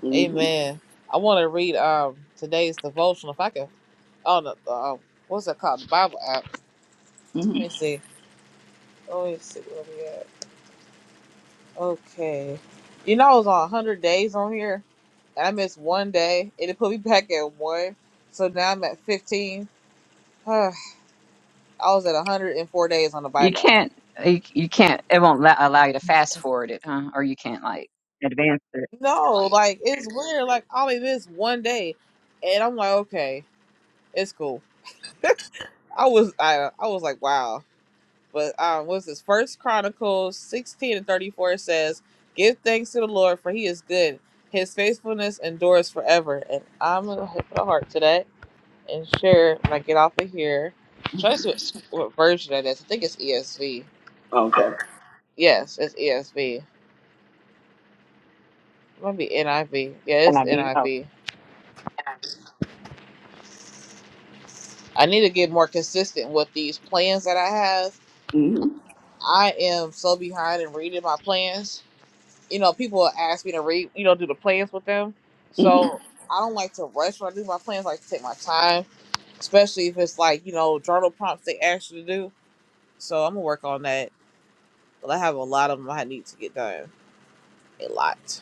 S2: Mm-hmm.
S1: Amen. I want to read um today's devotional. If I can, oh no, the, um, what's it called? The Bible app.
S2: Mm-hmm.
S1: Let me see. Let me see where we at. Okay. You know, I was on 100 days on here, and I missed one day, and it put me back at one. So now I'm at 15. I was at 104 days on the
S3: You
S1: Bible app.
S3: can't. You, you can't. It won't la- allow you to fast forward it, huh? Or you can't like advance it.
S1: No, like it's weird. Like I only missed one day, and I'm like, okay, it's cool. I was I I was like, wow. But um what's this? First Chronicles sixteen and thirty four says, Give thanks to the Lord for he is good. His faithfulness endures forever. And I'm gonna hit the heart to that and share when I get off of here. Try to see what, what version that is. I think it's ESV.
S2: Okay.
S1: Yes, it's ESV. It might be NIV. Yeah,
S3: Can
S1: it's
S3: I
S1: NIV.
S3: be?
S1: I
S3: Oh,
S1: V. I need to get more consistent with these plans that I have.
S2: Mm-hmm.
S1: I am so behind in reading my plans you know, people ask me to read, you know, do the plans with them. So I don't like to rush when I do my plans. I like to take my time, especially if it's like, you know, journal prompts they ask you to do. So I'm gonna work on that. But I have a lot of them I need to get done. A lot.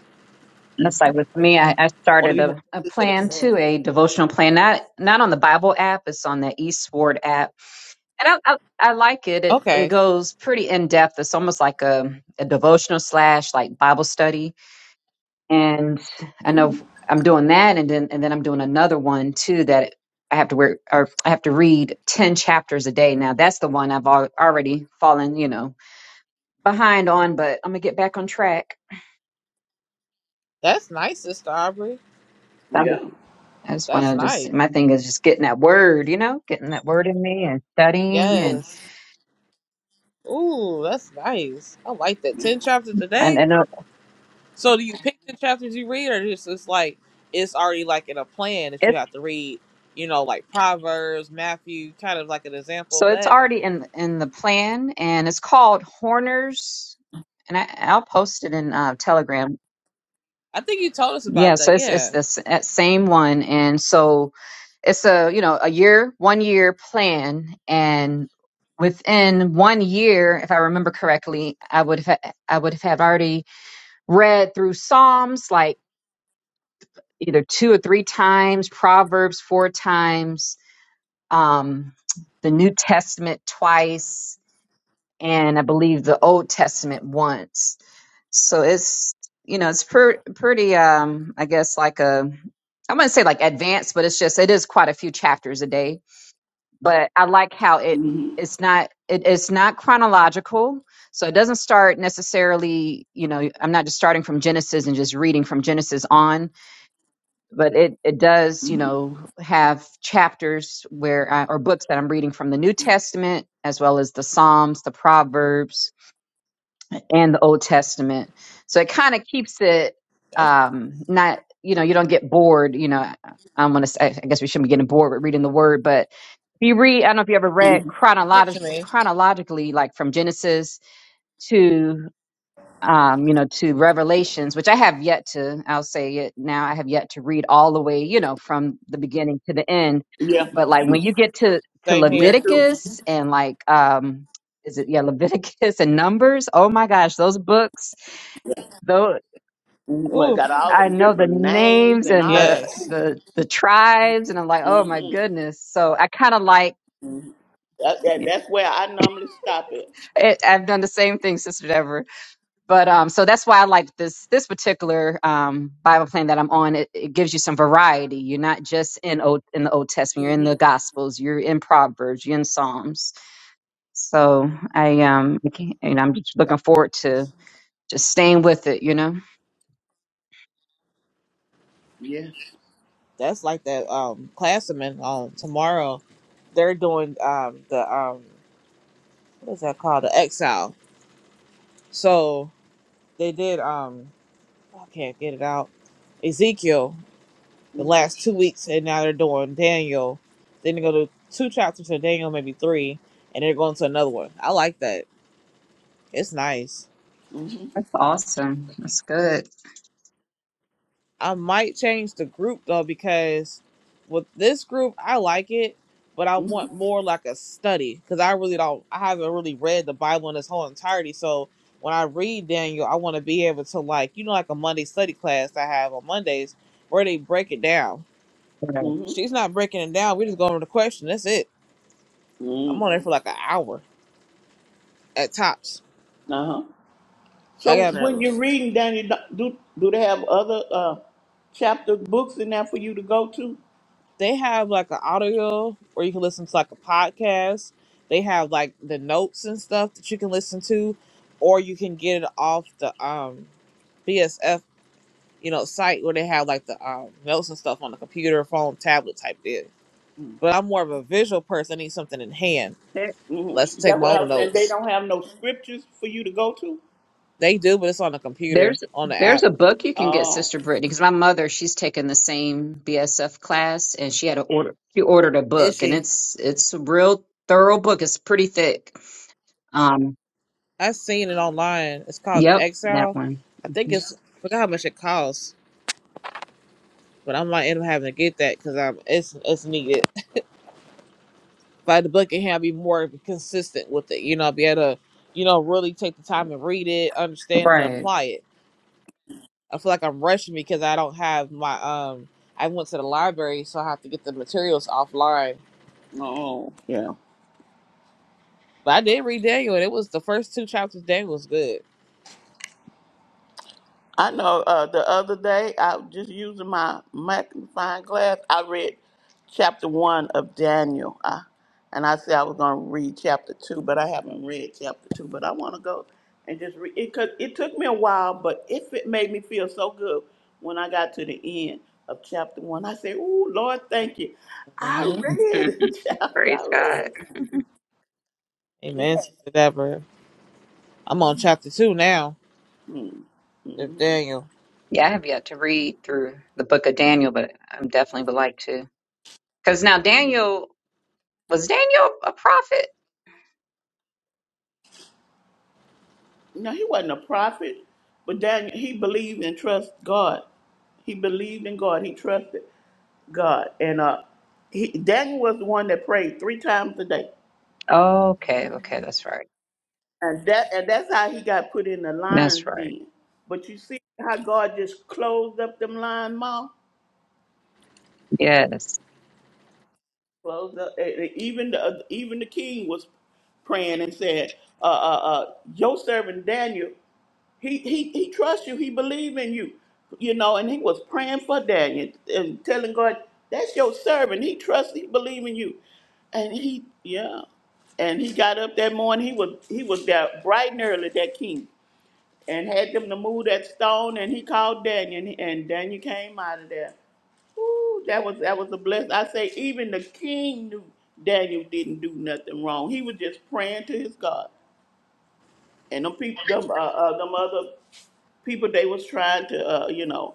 S3: that's like with me. I, I
S1: want to
S3: started
S1: be more
S3: a, a
S1: consistent. in
S3: plan
S1: that.
S3: too, a devotional plan. Not not on the Bible app. It's on the Eastward app, and I I, I like it. It it
S1: Okay,
S3: goes pretty in depth. It's almost like a a devotional slash like Bible study and I know if I'm doing that, and then and then I'm doing another one too that I have to wear or I have to read ten chapters a day. Now that's the one I've al- already fallen, you know, behind on, but I'm gonna get back on track.
S1: that's nice, Sister Aubrey.
S3: I'm,
S2: Yeah.
S3: I just
S1: That's
S3: want to
S1: nice.
S3: just my thing is just getting that word, you know, getting that word in me and studying and
S1: Yes. Ooh, that's nice. I like that. Ten chapters a day.
S3: and and uh,
S1: So do you pick the chapters you read, or just it's like it's already like in a plan that you
S3: it's
S1: have to read? You know, like Proverbs, Matthew, kind of like an example
S3: so
S1: of
S3: it's
S1: that.
S3: already in in the plan and it's called Horners, and I, I'll post it in uh, Telegram
S1: I think you told us
S3: Yeah,
S1: about
S3: so
S1: that.
S3: it's it's
S1: Yeah,
S3: the same one, and so it's a you know a year, one year plan, and within one year, if I remember correctly, I would have I would have had already read through Psalms like either two or three times, Proverbs four times, um, the New Testament twice, and I believe the Old Testament once so it's you know it's per- pretty um i guess like a i wouldn't say like advanced but it's just it is quite a few chapters a day but i like how it
S2: Mm-hmm.
S3: it's not it, it's not chronological so it doesn't start necessarily you know i'm not just starting from genesis and just reading from genesis on but it it does you know have chapters where I, or books that i'm reading from the new testament as well as the psalms the proverbs and the Old Testament. So it kind of keeps it
S1: that's
S3: um, not, you know, you don't get bored. You know, I, I'm gonna, say, I guess we shouldn't be getting bored with reading the Word, but if you read, I don't know if you ever read
S2: Mm-hmm.
S1: that's
S3: chronolog-
S1: you mean
S3: chronologically, like from Genesis to um, you know, to Revelations, which I have yet to, I'll say it now, I have yet to read all the way, you know, from the beginning to the end.
S2: Yeah.
S3: But like when you get to to
S1: Same
S2: Me
S1: here.
S2: too.
S3: Leviticus and like um is it yeah, Leviticus and Numbers, oh my gosh, those books, though
S2: We
S1: Ooh,
S2: got all
S3: I
S2: them
S3: know the
S2: different names
S3: names
S2: and
S3: and
S2: all
S3: the
S2: that.
S1: yes,
S3: the the tribes and I'm like, oh my
S2: Mm-hmm.
S3: goodness. So I kinda like
S2: Mm-hmm. That, that, that's where I normally stop it.
S3: it, I've done the same thing, Sister Deborah. but um so that's why i like this this particular um bible plan that i'm on it, it gives you some variety you're not just in old in the old testament you're in
S2: Mm-hmm.
S3: the gospels you're in proverbs you're in psalms so i um I can't- and i'm just looking
S1: that's
S3: forward
S1: nice.
S3: to just staying with it you know
S2: Yes.
S1: That's like that um classman um tomorrow. They're doing um the um what is that called the exile. So they did um I can't get it out. Ezekiel. the
S2: Mm-hmm.
S1: last two weeks, and now they're doing Daniel. Then they go to two chapters of Daniel, maybe three, and they're going to another one. I like that. It's nice.
S2: Mm-hmm.
S3: that's awesome that's good
S1: I might change the group though because with this group, I like it, but I
S2: Mm-hmm.
S1: want more like a study because I really don't. I haven't really read the Bible in its whole entirety, so. When I read Daniel, I want to be able to like, you know, like a Monday study class I have on Mondays where they break it down.
S2: Mm-hmm.
S1: She's not breaking it down. We're just going over the question. That's it. I'm on
S2: Mm-hmm.
S1: there for like an hour. at Tops.
S2: Uh-huh.
S1: I
S2: So
S1: got another
S2: when
S1: one.
S2: you're reading, Danny, do do they have other uh, chapter books in there for you to go to?
S1: They have like an audio where you can listen to like a podcast. They have like the notes and stuff that you can listen to, or you can get it off the um BSF you know site where they have like the um, notes and stuff on the computer, phone, tablet type thing. But I'm more of a visual person. I need something in hand.
S2: hmm
S1: Let's take
S2: That's
S1: my
S2: what I
S1: own
S2: was saying. They
S1: notes.
S2: don't have no scriptures for you to go to.
S1: They do, but it's on the
S3: There's
S1: computer on the
S3: there's
S1: app.
S3: a book you can get,
S2: Oh,
S3: Sister Brittany, because my mother she's taken the same BSF class, and she had a order. She ordered a book, and
S1: Itchy.
S3: it's it's a real thorough book. It's pretty thick. Um,
S1: I've seen it online. It's called the
S3: yep, that
S1: Exile.
S3: one.
S1: I think
S3: hmm
S1: it's forgot how much it costs but I might end up having to get that because I'm it's it's needed. If I had the book in hand, I'd be more consistent with it. You know, I'd be able to, you know, really take the time and read it, understand and
S2: mhm.
S3: Right.
S1: apply it. I feel like I'm rushing because I don't have my um. I went to the library, so I have to get the materials offline.
S2: oh, yeah.
S1: But I did read Daniel, and it was the first two chapters. Daniel was good.
S2: I know. Uh, the other day, I was just using my magnifying glass. I read chapter one of Daniel, I, and I said I was going to read chapter two, but I haven't read chapter two. But I want to go and just read it. Cause it took me a while, but if it made me feel so good when I got to the end of chapter one, I said, "Ooh, Lord, thank you." I
S1: Mm-hmm.
S2: read
S3: Mm,
S2: a chapter.
S3: Praise
S2: I read a
S3: God.
S2: Yeah.
S1: Amen, sister Deborah. I'm on chapter two now.
S2: mm
S1: Of
S2: mm
S1: Daniel.
S3: Yeah, I have yet to read through the book of Daniel, but I definitely would like to. Because now Daniel was Daniel a prophet?
S2: No, he wasn't a prophet, but Daniel, he believed and trusted God. He believed in God. He trusted God, and uh, he, Daniel was the one that prayed three times a day,
S3: okay, okay, that's right.
S2: and that and that's how he got put in the
S3: That's
S2: lion's
S3: right.
S2: den. But you see how God just closed up them lion mouth.
S3: Yes.
S2: Closed up. eh, eh, Even the uh, even the king was praying and said, uh, uh, uh, "Your servant Daniel." He he he trusts you. He believes in you. You know, and he was praying for Daniel and telling God, "That's your servant. He trusts. He believes in you." And he yeah, and he got up that morning. He was he was there bright and early. That king and had them to move that stone. And he called Daniel, and, and Daniel came out of there. Ooh, that was that was a blessing. I say even the king knew Daniel didn't do nothing wrong. He was just praying to his God. And them people, them, uh, uh, them other people they was trying to uh, you know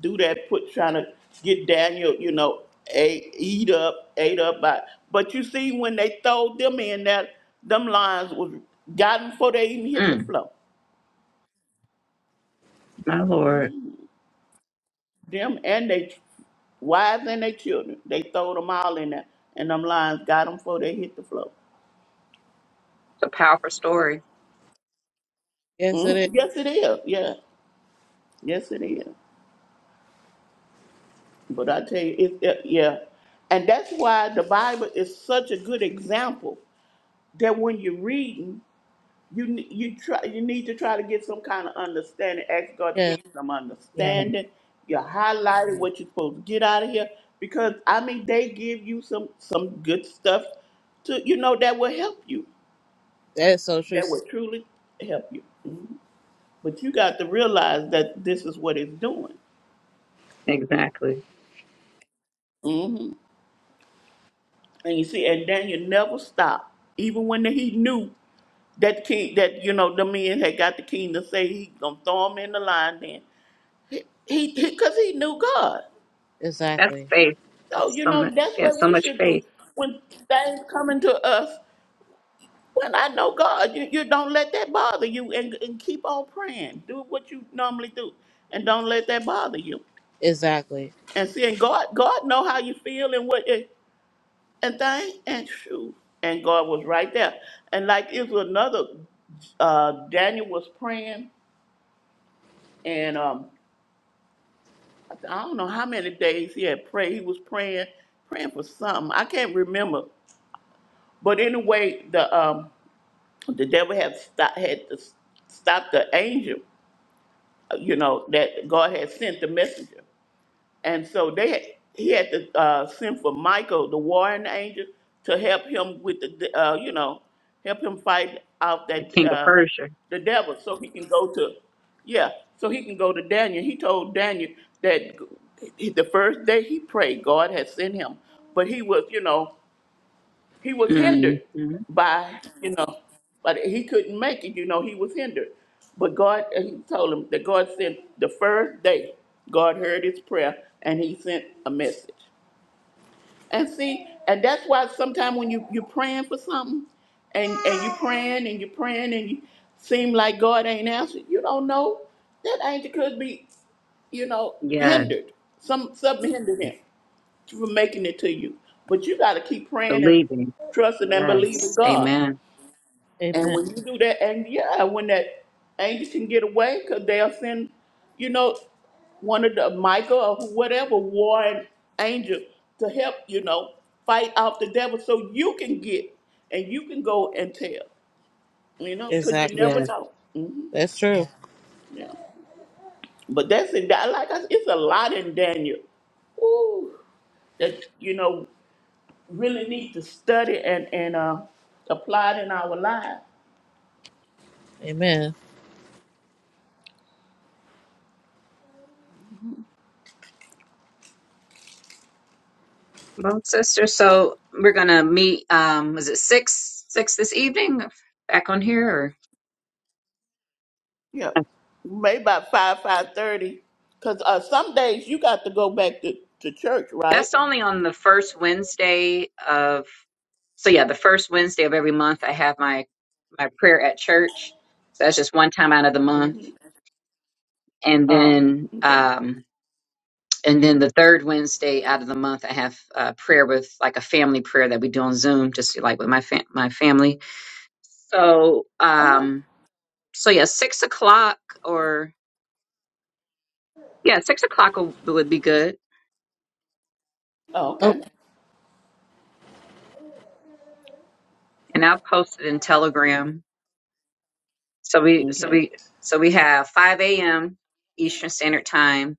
S2: do that put trying to get Daniel you know a, eat up ate up by but you see when they throw them in that them lions was gotten before they even hit the
S3: Mm,
S2: floor
S3: my Lord.
S2: them and they ch- wives and their children they throw them all in there and them lions got them before they hit the floor
S3: It's a powerful story.
S1: Yes, it
S2: mm
S1: is.
S2: yes it is yeah yes it is but I tell you it, it yeah and that's why the Bible is such a good example that when you're reading you ne- you try you need to try to get some kind of understanding. Ask God to
S1: Yeah,
S2: give you some
S3: Yeah,
S2: understanding. You highlighted what you're supposed to get out of here because I mean they give you some some good stuff to you know that will help you.
S1: that is so true.
S2: That will
S1: sis-
S2: truly help you. But you got to realize that this is what it's doing.
S3: exactly.
S2: hmm And you see, and Daniel never stopped, even when he knew that king that you know the men had got the king to say he gonna throw him in the lion. Then he because he 'cause he knew God.
S3: That's
S1: Exactly.
S3: faith.
S2: So,
S3: That's
S2: you
S3: so
S2: know,
S3: much.
S2: that's
S3: Yeah,
S2: what
S3: so
S2: we
S3: much
S2: should do.
S3: faith.
S2: When things coming to us, when I know God, you, you don't let that bother you and, and keep on praying. Do what you normally do and don't let that bother you.
S1: Exactly.
S2: And seeing God, God know how you feel and what it- and thing and shoot. And God was right there. And like it was another uh, Daniel was praying, and um, I th- I don't know how many days he had prayed. He was praying, praying for something. I can't remember. But anyway, the um, the devil had stopped had to stop the angel, uh, you know, that God had sent the messenger, and so they had, he had to uh, send for Michael, the warring angel, to help him with the uh, you know help him fight out
S3: The
S2: that
S3: king of
S2: uh,
S3: Persia.
S2: the devil, so he can go to yeah, so he can go to Daniel. He told Daniel that the first day he prayed, God had sent him, but he was you know he was
S3: hmm
S2: hindered by you know but he couldn't make it you know he was hindered but god and he told him that god sent the first day god heard his prayer and he sent a message and see and that's why sometimes when you you're praying for something and and you're praying and you're praying and you seem like god ain't answered you don't know that angel could be you know
S3: Yes,
S2: hindered some something hindered him for making it to you. But you got to keep praying and
S3: believing.
S2: trusting and believing
S3: Yes,
S2: God.
S3: amen.
S2: And
S1: Amen.
S2: when you do that, and yeah, when that angel can get away, because they'll send, you know, one of the Michael or whatever warring angel to help, you know, fight off the devil so you can get and you can go and tell, you know, because you
S1: Exactly.
S2: never
S3: Yes.
S2: know. hmm
S1: That's true.
S2: Yeah. But that's in like I said, it's a lot in Daniel. Ooh, that you know. really need to study and, and uh, apply it in our lives.
S1: Amen.
S3: Well, sister, so we're gonna meet. Um, was it six six this evening? Back on here,
S2: Yeah,
S3: or
S2: maybe about five five thirty, because uh, some days you got to go back to, to church, right?
S3: that's only on the first Wednesday of. So yeah, the first Wednesday of every month, I have my my prayer at church. So that's just one time out of the month,
S2: hmm
S3: and
S2: Oh,
S3: then
S2: okay.
S3: um And then the third Wednesday out of the month, I have uh, prayer with like a family prayer that we do on Zoom, just like with my fam- my family. So,
S2: Uh huh.
S3: um, so yeah, six o'clock or yeah, six o'clock would, would be good.
S2: Oh, okay.
S1: Okay.
S3: And I'll post it in Telegram. So we, so
S2: Okay.
S3: we, so we have 5 a.m. Eastern Standard Time,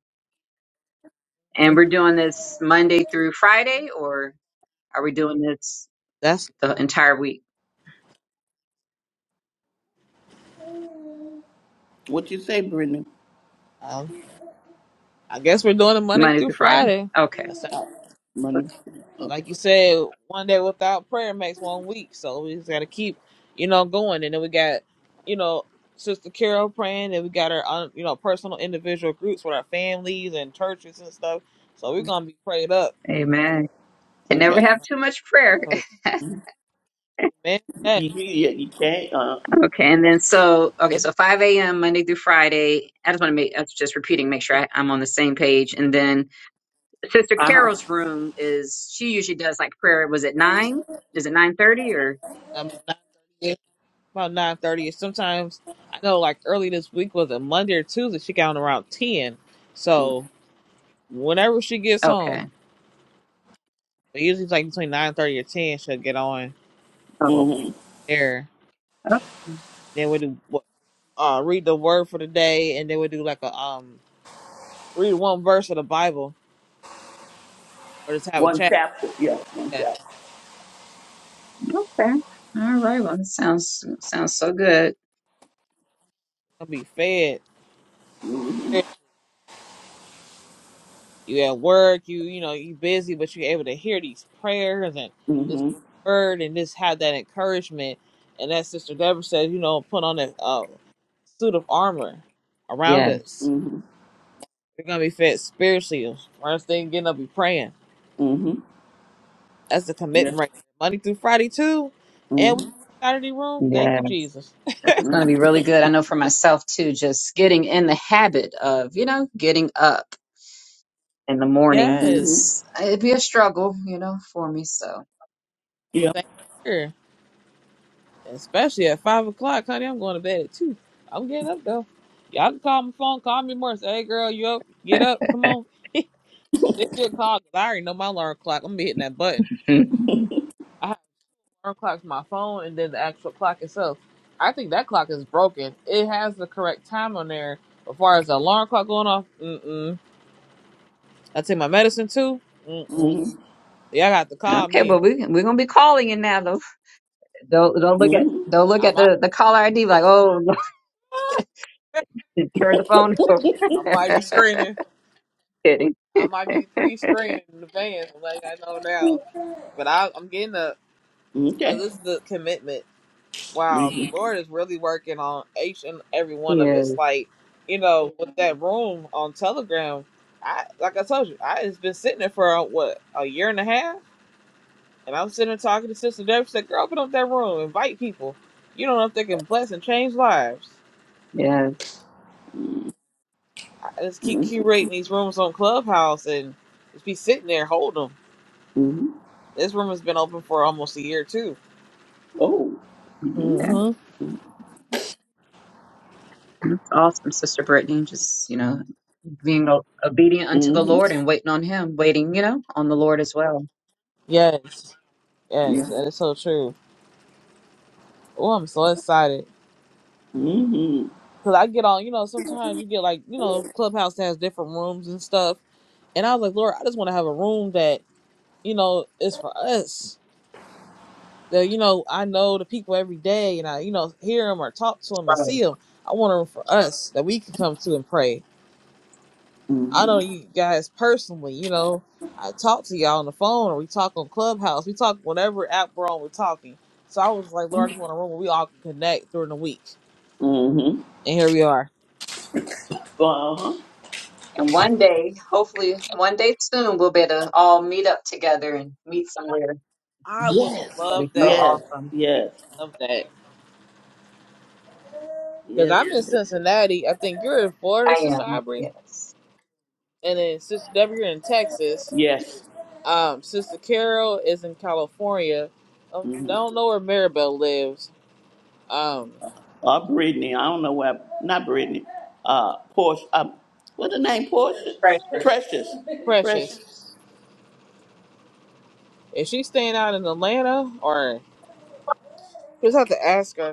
S3: and
S1: Mhm.
S3: we're doing this Monday through Friday, or are we doing this
S1: That's.
S3: the entire week,
S2: What you say, Brittany?
S1: Um, I guess we're doing it Monday
S3: Monday
S1: through
S3: through Friday?
S1: Friday.
S3: Okay,
S1: That's right.
S2: Money.
S1: So,
S2: Okay.
S1: like you said. One day without prayer makes one week. So we just got to keep, you know, going. And then we got, you know, Sister Carol praying, and we got our, own, you know, personal individual groups with our families and churches and stuff. So we're gonna be prayed up.
S3: Amen. Can never
S2: Okay.
S3: have too much prayer.
S1: So,
S2: You
S1: Amen. to That.
S2: you, yeah, you can't. Uh
S3: Okay, and then so okay,
S1: That's
S3: so
S1: like-
S3: 5 a.m. Monday through Friday. I just want to make I'm just repeating, make sure I, I'm on the same page. And then Sister
S2: huh.
S3: Carol's room is she usually does like prayer. Was it nine? Is it nine thirty or
S1: um, about nine about nine thirty. Sometimes I know, like early this week was a Monday or Tuesday. She got on around ten. So whenever she gets on.
S3: okay?
S1: But usually it's like between nine thirty or ten she'll get on
S3: Oh,
S1: well
S2: Mm-hmm.
S1: prayer.
S3: okay,
S1: Then we do uh read the word for the day and then we do like a um read one verse of the Bible or just have a
S2: One
S1: chat.
S2: chapter. Yeah. One
S1: Yeah.
S2: chapter.
S3: okay, all right. Well, this sounds sounds so good.
S1: Gonna be fed.
S2: Mm-hmm.
S1: You at work, you you know, you busy but you're able to hear these prayers and this
S2: Mm-hmm.
S1: word and just have that encouragement and that sister Deborah says, you know, put on a uh, suit of armor around
S3: Yes,
S1: us.
S2: Mm-hmm.
S1: We're gonna be fed spiritually. First thing getting up be praying.
S2: Mm-hmm.
S1: That's the
S2: Yeah.
S1: commitment right there. Monday through Friday too. And we
S2: Mm-hmm.
S1: have Saturday room. Thank you,
S3: yes.
S1: Jesus.
S3: This is going to be
S2: Mm-hmm.
S3: really good. I
S1: Thank
S3: know for
S1: you, Lord.
S3: myself too, just getting in the habit of you know getting up in the morning
S1: Yes.
S2: Mm-hmm.
S3: because it'd be a struggle, you know, for me. So.
S2: Yeah.
S1: Same here. Especially at five o'clock, honey. I'm going to bed at two. I'm getting up though. Y'all can call my phone, call me more. Say, hey girl, you up? Get up. Come on. Give me a call 'cause I already know my alarm clock. I'm gonna be hitting that button. I have alarm clocks my phone and then the actual clock itself. I think that clock is broken. It has the correct time on there. As far as the alarm clock going off, mm-mm. I take my medicine too. Mm-mm.
S2: Mhm.
S1: Y'all got to call
S3: Okay,
S1: me.
S3: well we we're gonna be calling you now. Don't don't, don't look at
S2: Mhm.
S3: don't look
S1: I
S3: at
S1: might
S3: the, the caller ID like oh turn the phone over.
S1: I might be screening.
S3: Kidding.
S1: I might be pre screening in advance like I know now. But I I'm getting up because
S2: Okay.
S1: this is the commitment. Wow, the
S2: Mm-hmm.
S1: Lord is really working on each and every one of
S3: Yes,
S1: us. Like, you know, with that room on Telegram, I like I told you, I has been sitting there for uh, what, a year and a half? And I'm sitting there talking to Sister Deborah said, Girl, open up that room, invite people. You don't know if they can bless and change lives.
S3: yes.
S1: I just keep curating these rooms on Clubhouse and just be sitting there, hold them.
S2: Mm-hmm.
S1: This room has been open for almost a year too.
S2: Oh.
S3: Okay.
S1: hmm
S3: That's awesome, Sister Brittany. Just, you know, being o- obedient unto the
S2: Mm-hmm.
S3: Lord and waiting on Him, waiting, you know, on the Lord as well.
S1: Yes, yes,
S2: Yeah.
S1: that is so true. Oh, I'm so excited
S2: Mm-hmm.
S1: because I get on. You know, sometimes you get like you know, Clubhouse has different rooms and stuff, and I was like, Lord, I just want to have a room that you know is for us. That you know, I know the people every day, and I you know hear them or talk to them and
S3: Right.
S1: see them. I want a room for us that we can come to and pray I know
S2: Mm-hmm.
S1: you guys personally, you know. I talk to y'all on the phone or we talk on Clubhouse. We talk whatever app we're on, we're talking. So I was like, Lord, I just want a room where we all can connect during the week.
S2: Mm-hmm.
S1: And here we are.
S2: Uh-huh.
S3: And one day, hopefully, one day soon, we'll be able to all meet up together and meet somewhere.
S1: I would
S2: Yes.
S3: It'll be
S1: love
S3: so
S1: that.
S2: Yes.
S3: awesome.
S2: Yes.
S1: Love that. Because
S2: Yes.
S1: I'm
S2: it
S1: in
S2: is.
S1: Cincinnati. I think you're in Florida,
S3: I
S1: Sister
S3: am.
S1: Aubrey.
S3: Yes.
S1: And then Sister Debbie, you're in Texas.
S2: Yes.
S1: Um, Sister Carol is in California. Um, I
S2: Mm-hmm.
S1: don't know where Maribel lives. Um,
S2: Uh, Brittany. I don't know why. Not Brittany. Uh, Porsche. Um, what's the name? Porsche.
S3: Precious.
S2: Precious. Precious.
S1: Precious. Is she staying out in Atlanta or just have to ask her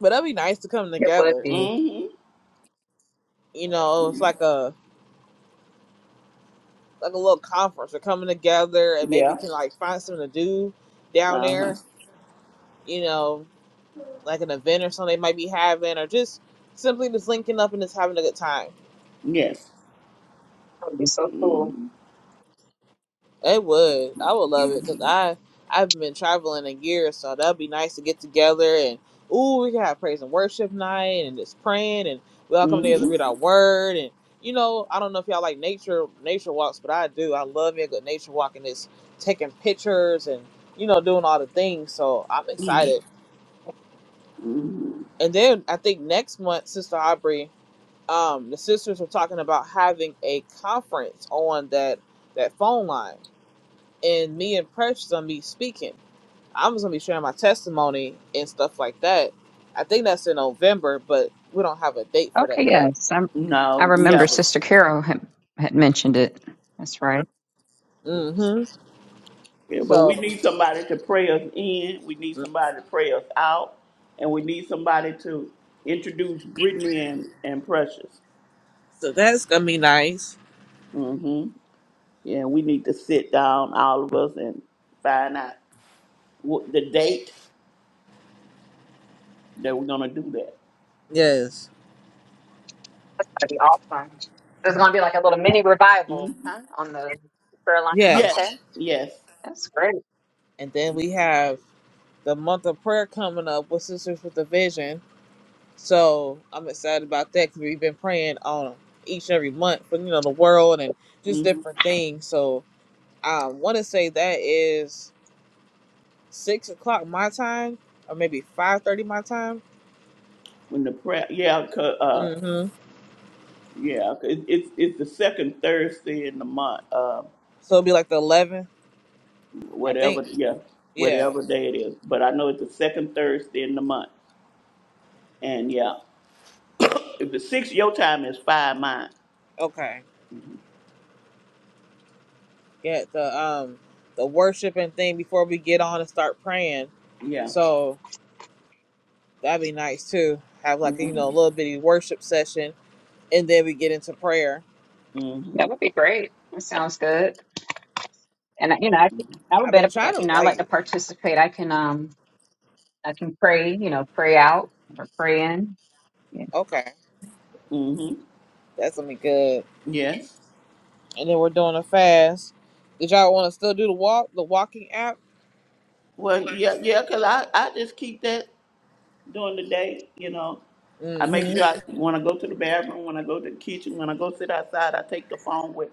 S1: But that'd be nice to come
S3: It would
S1: together.
S3: be. It
S2: Mm-hmm.
S1: You know, it's like a like a little conference. We're coming together and maybe
S2: Yeah.
S1: can like find something to do down
S2: Uh huh.
S1: there. You know, like an event or something they might be having, or just simply just linking up and just having a good time.
S2: Yes.
S3: would be so cool.
S2: Mm-hmm.
S1: It would. I would love it because
S2: Mm-hmm.
S1: I I've been traveling a year, so that'd be nice to get together and ooh, we can have praise and worship night and just praying and we all come together
S2: Mm-hmm.
S1: to read our word and you know I don't know if y'all like nature nature walks, but I do. I love me a good nature walk and it's taking pictures and you know doing all the things. So I'm
S2: Mm-hmm.
S1: excited.
S2: Mm-hmm.
S1: And then I think next month, Sister Aubrey, um, the sisters were talking about having a conference on that that phone line and me and Precious gonna be speaking. I'm just gonna be sharing my testimony and stuff like that. I think that's in November, but we don't have a date for
S3: Okay,
S1: that yet.
S3: yes. I'm, I
S2: No, we
S3: remember
S2: have not
S3: Sister Carol had, had mentioned it. That's right.
S1: hmm
S2: yeah, but we
S1: So,
S2: need somebody to pray us in. We need
S1: mhm.
S2: somebody to pray us out, and we need somebody to introduce Brittany and and Precious.
S1: so that's gonna be nice.
S2: Mm-hmm. Yeah, we need to sit down, all of us, and find out what, the date that we're gonna do that.
S1: Yes,
S3: That's gonna be awesome. There's gonna be like a little mini revival,
S2: mm
S3: huh? On the prayer line.
S1: yes.
S2: Yes,
S3: Okay,
S2: yes.
S3: that's great.
S1: And then we have the month of prayer coming up with Sisters with a Vision. So I'm excited about that because we've been praying on each and every month for you know the world and just
S2: hmm
S1: different things. So I want to say that is six o'clock my time, or maybe five thirty my time.
S2: When the prayer, yeah, 'cause, uh,
S1: Mm-hmm.
S2: yeah, 'cause it's it's the second Thursday in the month. Um,
S1: So it'll be like the 11th, I think.
S2: whatever yeah
S1: Yeah.
S2: whatever day it is but i know it's the second thursday in the month and yeah if it's six your time is five mine
S1: Okay. Yeah. The um the worshiping thing before we get on and start praying.
S2: yeah
S1: So that'd be nice too. Have like a, you know
S2: hmm
S1: a little bitty worship session, and then we get into prayer.
S2: hmm
S3: That would be great. That sounds good. And you know, I, think- I would
S1: I've
S3: better,
S1: been trying to
S3: you know, I
S1: like.
S3: like to participate. I can, um, I can pray, you know, pray out or pray in. Yeah.
S1: Okay,
S2: hmm
S1: that's gonna be good.
S2: yes
S1: And then we're doing a fast. Did y'all want to still do the walk, the walking app?
S2: well yeah yeah because i i just keep that during the day you know i make sure
S1: Mm-hmm.
S2: i when i go to the bathroom when i go to the kitchen when i go sit outside i take the phone with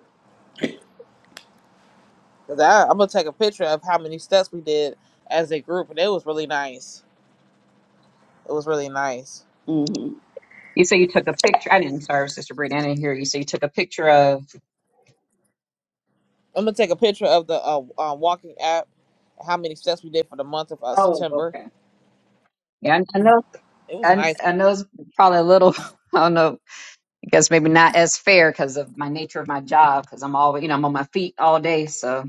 S1: Cause I, I'm gonna take a picture of how many steps we did as a group, and it was really nice. It was really nice.
S2: hmm
S3: You say you took a picture. I didn't. Sorry, Sister Brady. I didn't hear you. So you took a picture of.
S1: I'm gonna take a picture of the uh, uh, walking app. How many steps we did for the month of uh,
S3: Oh,
S1: September?
S3: okay. Yeah, I I know.
S1: It was
S3: I,
S1: nice.
S3: I know it's probably a little. I don't know. I guess maybe not as fair because of my nature of my job. Because I'm always, you know, I'm on my feet all day, so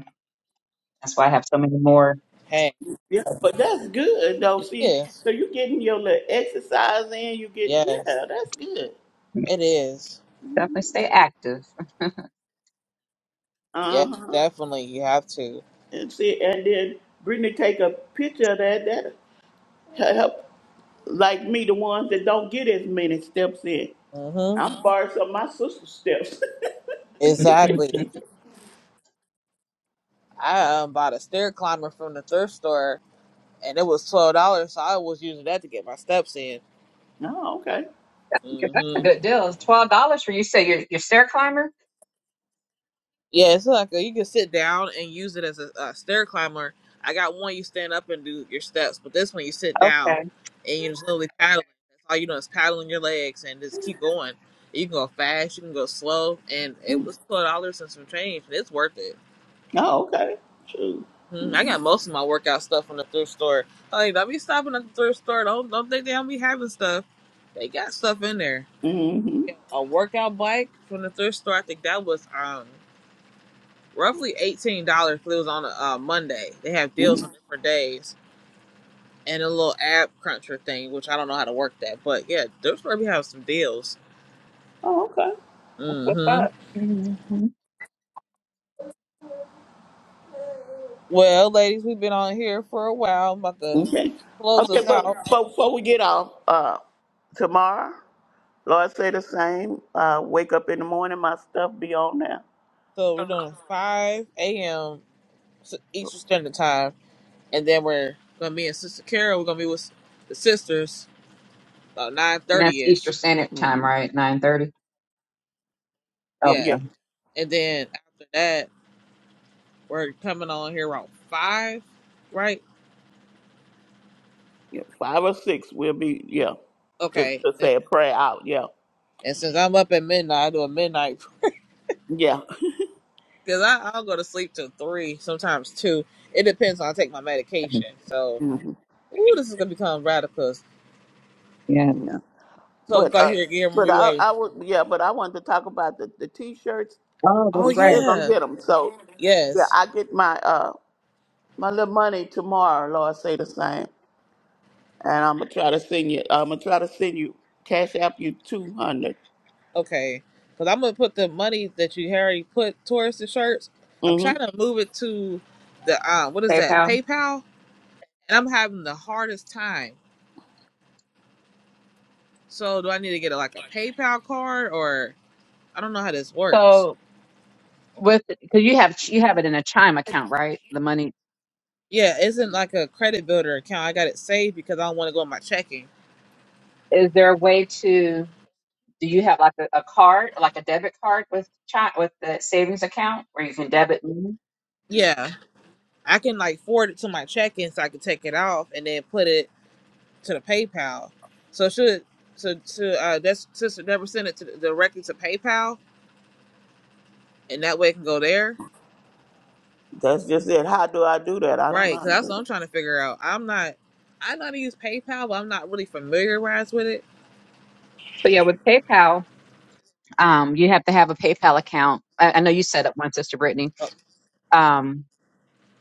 S3: that's why I have so many more.
S1: Hey,
S2: Yeah, but that's good though.
S1: it
S2: See,
S1: is.
S2: so you getting your little exercise in. You getting
S1: Yes,
S2: yeah, that's good.
S1: it is.
S3: Definitely stay active.
S2: Uh
S1: Yes,
S2: huh.
S1: definitely. You have to.
S2: and see, and then Brittany take a picture of that. That will help, like me, the ones that don't get as many steps in.
S1: Mhm.
S2: I'm borrowing some of my sister's steps.
S1: Exactly. I um, bought a stair climber from the thrift store, and it was twelve dollars. So I was using that to get my steps in.
S2: oh, okay.
S1: Mm-hmm.
S3: That's a good deal. It's twelve dollars for you. Say you're you're stair climber.
S1: Yeah, it's like a, you can sit down and use it as a, a stair climber. I got one you stand up and do your steps, but this one you sit down
S3: Okay,
S1: and you just literally paddling. That's all you know is paddling your legs and just keep going. You can go fast, you can go slow, and it was twelve dollars and some change, and it's worth it.
S2: Oh, okay. True.
S1: hmm I got most of my workout stuff from the thrift store. Like, don't be stopping at the thrift store. Don't don't think they don't be having stuff. They got stuff in there.
S2: hmm
S1: Yeah, A workout bike from the thrift store. I think that was um. roughly eighteen dollars. but It was on a uh, Monday. They have
S2: hmm
S1: deals on different days and a little app cruncher thing, which I don't know how to work that, but yeah, those probably have some deals.
S2: Oh, okay.
S3: what's up?
S1: Mm-hmm.
S3: Mhm.
S1: Well, ladies, we've been on here for a while. I'm about to
S2: Okay.
S1: close
S2: Okay,
S1: us
S2: but,
S1: out,
S2: but before we get off, uh, tomorrow, Lord say the same. Uh, wake up in the morning, my stuff be on now.
S1: so we're doing five a.m. Eastern Standard Time, and then we're gonna be in Sister Carol. We're gonna be with the sisters about nine
S3: And that's
S1: thirty
S3: Easter
S1: ish.
S3: Standard Time,
S2: hmm
S3: right? Nine thirty.
S1: Yeah,
S2: Yeah.
S3: Okay.
S1: and then after that, we're coming on here around five, right?
S2: Yeah. Five or six, we'll be yeah to,
S1: Okay. And
S2: to
S1: then.
S2: say a prayer out. Yeah.
S1: And since I'm up at midnight, I do a midnight
S2: Yeah.
S1: because I I'll go to sleep till three, sometimes two. It depends on I take my medication. So
S2: Mm-hmm.
S1: ooh, this is gonna become radical.
S3: Yeah.
S2: Yeah.
S1: So if
S2: But
S1: I
S2: uh,
S1: hear again, I'm
S2: but
S1: gonna be
S2: I
S1: like,
S2: I would yeah, but I wanted to talk about the the t-shirts.
S3: Oh,
S1: oh
S2: We
S3: that's right.
S2: still gonna
S1: yeah,
S2: get them. So yeah,
S1: yes,
S2: I get my uh my little money tomorrow. Lord say the same, and I'm gonna try to send you. I'm gonna try to send you cash app you two hundred.
S1: okay. Because I'm gonna put the money that you already put towards the shirts. I'm
S2: Mhm.
S1: trying to move it to the uh, what is that
S3: PayPal.
S1: PayPal, and I'm having the hardest time. So do I need to get a, like a PayPal card or I don't know how this works.
S3: So with because you have you have it in a Chime account, right? The money.
S1: Yeah, it's in like a credit builder account. I got it saved because I don't want to go in my checking.
S3: Is there a way to? Do you have like a, a card, like a debit card with chi- with the savings account where you can debit money?
S1: Yeah, I can like forward it to my checking so I can take it off and then put it to the PayPal. So should so to uh that's sister never send it to directly to PayPal and that way it can go there,
S2: That's just it. How do I do that? I don't know
S1: right?
S2: how
S1: Because
S2: to
S1: that's
S2: do
S1: what I'm trying to figure out. I'm not I know how to use PayPal, but I'm not really familiarized with it.
S3: So yeah, with PayPal, um, you have to have a PayPal account. I, I know you set up one, Sister Brittany. Um,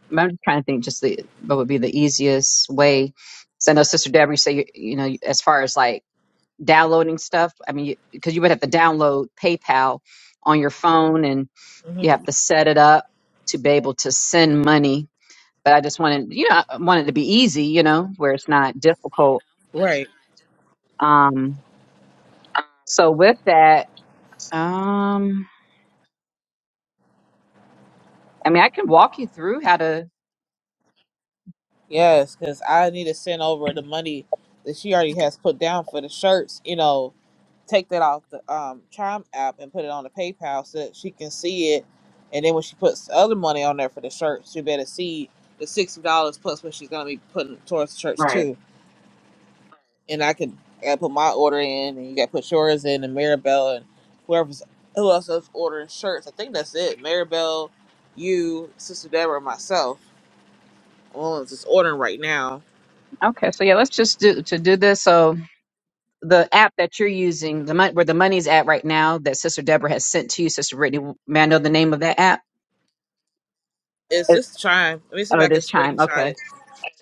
S3: but I'm just trying to think just the what would be the easiest way. So I know Sister Deborah, you say you, you know as far as like downloading stuff. I mean, because you 'cause you would have to download PayPal on your phone, and
S1: hmm
S3: you have to set it up to be able to send money but I just wanted, you know, I want it to be easy, you know, where it's not difficult.
S2: that.
S1: Right.
S3: Um, so with that, um, I mean, I can walk you through how to.
S1: Yes, because I need to send over the money that she already has put down for the shirts, you know, take that off the um Chime app and put it on the PayPal so that she can see it. And then when she puts other money on there for the church, she better see the sixty dollars plus what she's gonna be putting towards the church
S3: Right.
S1: too. And I can I gotta put my order in, and you got to put yours in, and Maribel and whoever's who else is ordering shirts. I think that's it. Maribel, you, Sister Deborah, and myself. I'm the ones that's ordering right now.
S3: Okay. So yeah, let's just do to do this. So the app that you're using, the mon- where the money's at right now, that Sister Deborah has sent to you, Sister Brittany, may I know the name of that app?
S1: It's
S3: It,
S1: just Chime. Let me see
S3: oh,
S1: if I
S3: it
S1: can
S3: is Chime. Okay.
S1: screenshot it.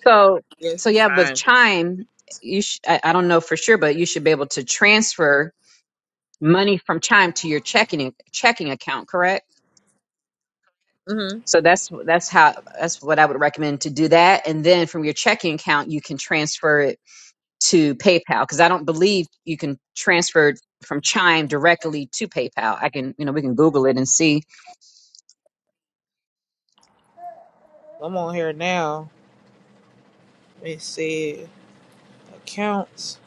S3: So,
S1: Yeah, it's
S3: so
S1: just
S3: yeah, with
S1: Chime.
S3: Chime, you sh- I, I don't know for sure, but you should be able to transfer money from Chime to your checking checking account, correct?
S1: Mm-hmm.
S3: So that's that's how that's what I would recommend to do that, and then from your checking account, you can transfer it to PayPal because I don't believe you can transfer it from Chime directly to PayPal. I can, you know, we can Google it and see,
S1: I'm on here now. Let me see. accounts.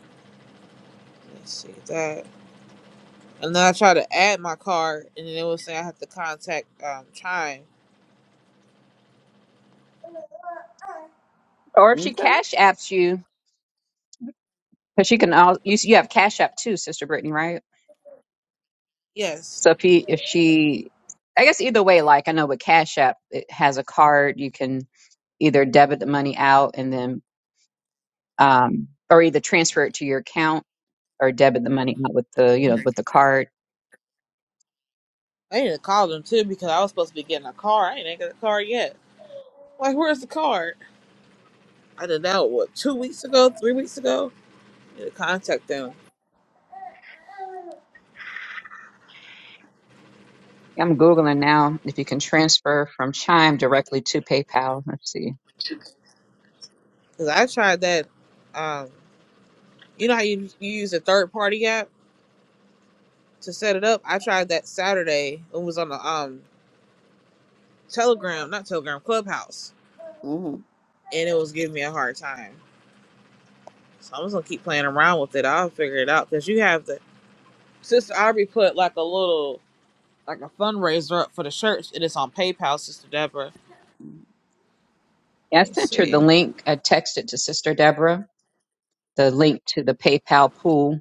S1: Let's see that. And then I tried to add my card, and then it was saying I have to contact um, Chime.
S3: or if she
S2: Okay.
S3: Cash Apps you, because she can all you you have Cash App too, Sister Brittany, right?
S1: Yes,
S3: So if he, if she, I guess either way, like I know with Cash App, it has a card you can either debit the money out and then, um, or either transfer it to your account or debit the money out with the, you know, with the card.
S1: I need to call them too because I was supposed to be getting a car. I ain't got a car yet. Like, where's the card? I did that what two weeks ago, three weeks ago. I need to contact them
S3: I'm googling now if you can transfer from Chime directly to PayPal. Let's see.
S1: because I tried that. Um, you know how you, you use a third party app to set it up. I tried that Saturday. It was on the um Telegram, not Telegram, Clubhouse,
S2: Mhm.
S1: and it was giving me a hard time. So I'm just gonna keep playing around with it. I'll figure it out because you have the Sister Aubrey put like a little like a fundraiser up for the church. It is on PayPal, Sister Deborah.
S3: Yeah, I
S1: Let me
S3: sent her the
S1: see.
S3: link. I texted to Sister Deborah the link to the PayPal pool.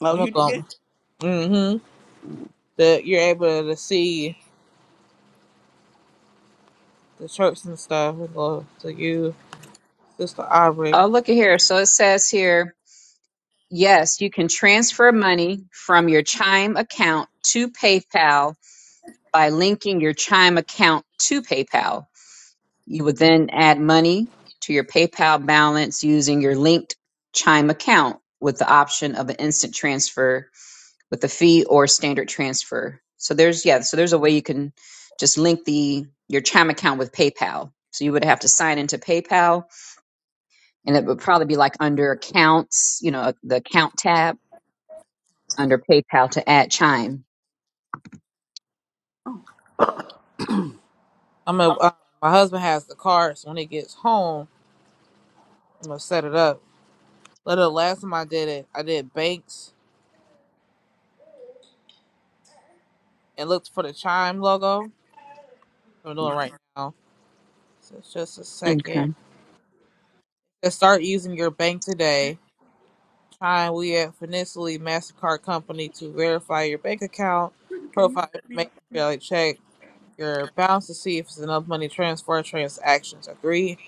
S2: Oh,
S1: I'm
S2: you
S1: gonna
S2: did.
S1: go. Mm-hmm. That you're able to see the church and stuff. We go to you, Sister Aubrey.
S3: Oh, look at here. So it says here, yes, you can transfer money from your Chime account to PayPal by linking your Chime account to PayPal. You would then add money to your PayPal balance using your linked Chime account with the option of an instant transfer with a fee or standard transfer. So there's yeah, so there's a way you can just link the your Chime account with PayPal. So you would have to sign into PayPal and it would probably be like under accounts, you know, the account tab under PayPal to add Chime.
S1: I'm gonna. Uh, my husband has the card, so when he gets home, I'm gonna set it up. But the last time I did it, I did banks and looked for the chime logo. I'm doing it right now. So it's just a second.
S3: Okay.
S1: to start using your bank today. Chime we at Finicity MasterCard Company to verify your bank account,
S2: Can you
S1: profile
S2: set me
S1: information,
S2: up on that?
S1: like check your balance to see if it's enough money transfer transactions. Agree.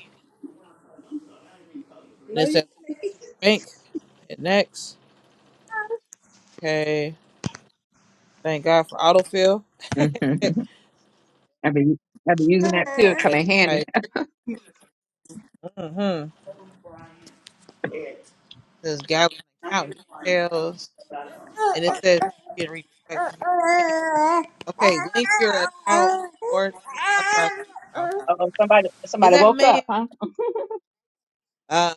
S1: And
S2: No,
S1: it
S2: you.
S1: says to your bank. Hit next. Okay. Thank God for autofill.
S3: Mhm.
S1: Hit-
S3: I've been I've been using that too. It come
S1: Okay.
S3: in handy.
S1: Right. Mm-hmm.
S2: Yes.
S1: It Says gather account details. And it says you can reach back to your bank.
S2: You
S1: Okay, link your account or authorize PayPal.
S3: Oh, somebody
S1: Is
S3: somebody
S1: that
S3: woke
S1: man?
S3: up, huh?
S1: uh,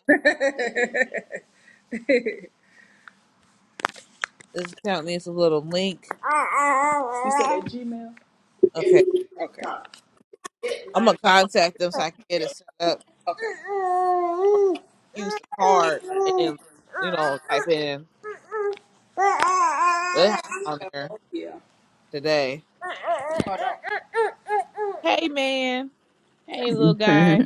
S1: This account needs a little link.
S2: said it. it
S1: Okay,
S2: okay.
S1: I'm gonna contact them so I can get it set up.
S2: Okay.
S1: Or
S2: Hold on.
S1: use the card and you know type in. They have it on there today. Hey man, hey little guy.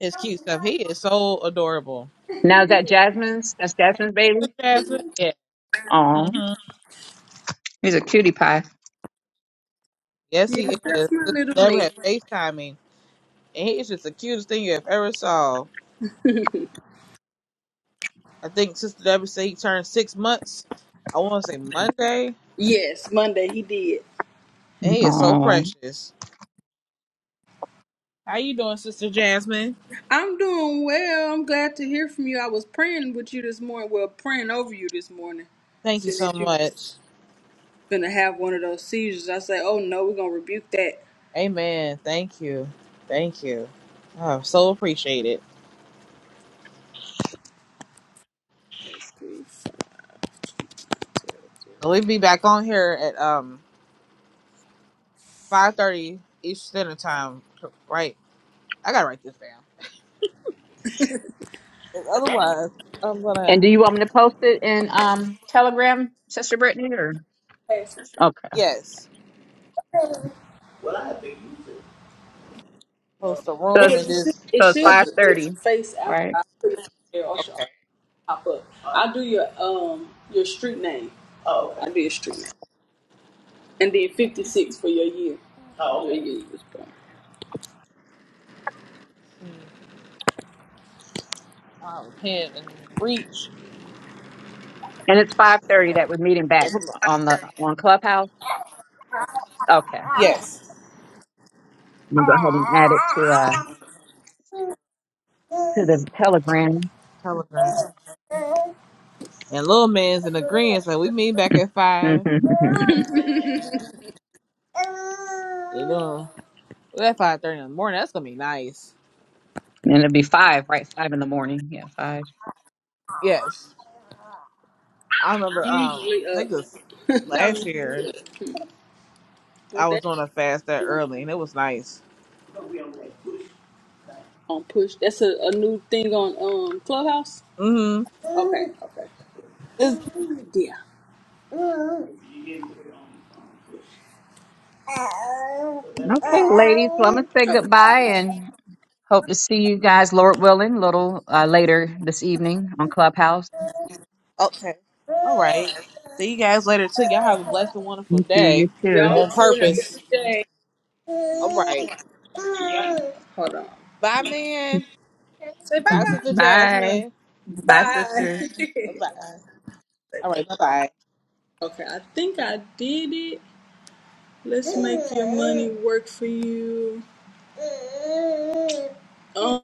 S1: It's cute stuff. He is so adorable.
S3: Now is that Jasmine's? That's Jasmine's baby.
S1: Jasmine? Yeah.
S3: Oh,
S1: hmm
S3: he's a cutie pie.
S1: Yes,
S2: Yes,
S1: he is.
S2: that's my
S1: Sister
S2: little
S1: Deborah
S2: man.
S1: had FaceTiming, and he is just the cutest thing you have ever saw. I think Sister Deborah said he turned six months. I want to say Monday,
S2: Yes, Monday he did.
S1: and he is so
S3: Oh.
S1: precious. How you doing, Sister Jasmine?
S2: I'm doing well. I'm glad to hear from you. I was praying with you this morning. Well, praying over you this morning.
S1: Thank you
S2: Seeing
S1: so
S2: that you was
S1: much.
S2: finna have one of those seizures. I say, oh no, we're gonna rebuke that.
S1: Amen. Thank you. Thank you. Oh, so appreciate it. So we'll be back on here at um five thirty each Standard Time. Right? I gotta write this down. 'Cause Otherwise, I'm
S3: And
S1: gonna
S3: do you want me to post it in um Telegram, Sister Brittany? Or okay.
S1: yes post a
S3: So
S1: room and
S2: it should,
S1: just
S2: it
S3: so it's
S1: let
S2: should do
S3: five
S2: it
S1: the
S2: with
S3: thirty,
S2: your face after
S3: right?
S2: I put it there or should I pop up. I do your um your street name. Oh. okay. I do your street name. And then 56 for your year. Oh. okay. Your year you was born.
S1: uh, repent and reach.
S3: And it's five thirty that we're meeting back on the on Clubhouse. Okay.
S1: Yes.
S3: I'm gonna go ahead and add it to uh to the Telegram.
S1: Telegram. And little man's in agreement, so we meet back at
S3: and
S1: five. And, uh, we're at five thirty in the morning. That's gonna be nice.
S3: it'll be five, right? Five in the morning. Yeah, five.
S1: Yes. I
S2: I'm
S1: remember, um,
S2: usually
S1: I
S2: up.
S1: think it was
S2: I'm
S1: last
S2: usually
S1: year.
S2: want
S1: I
S2: that.
S1: was on a fast that early, and it was nice.
S2: on push. That's a, a new thing on um Clubhouse.
S1: Mm-hmm.
S2: Okay, okay.
S1: It's,
S2: Yeah.
S3: Okay, ladies. Well, I'm gonna say
S2: Okay.
S3: goodbye and Hope to see you guys, Lord willing, a little uh, later this evening on Clubhouse.
S1: okay. All right. See you guys later too. Y'all have a blessed and wonderful
S3: Thank
S1: day.
S3: you. You
S2: Y'all
S1: On
S2: too. Have a
S1: purpose.
S2: good day.
S1: All right.
S2: Hold on.
S1: Bye, man. Bye,
S3: too.
S1: Sister
S3: Bye.
S1: Jasmine.
S3: Bye, sisters.
S1: Bye. All right. Bye, bye.
S2: okay, I think I did it. Let's make your money work for you. Um,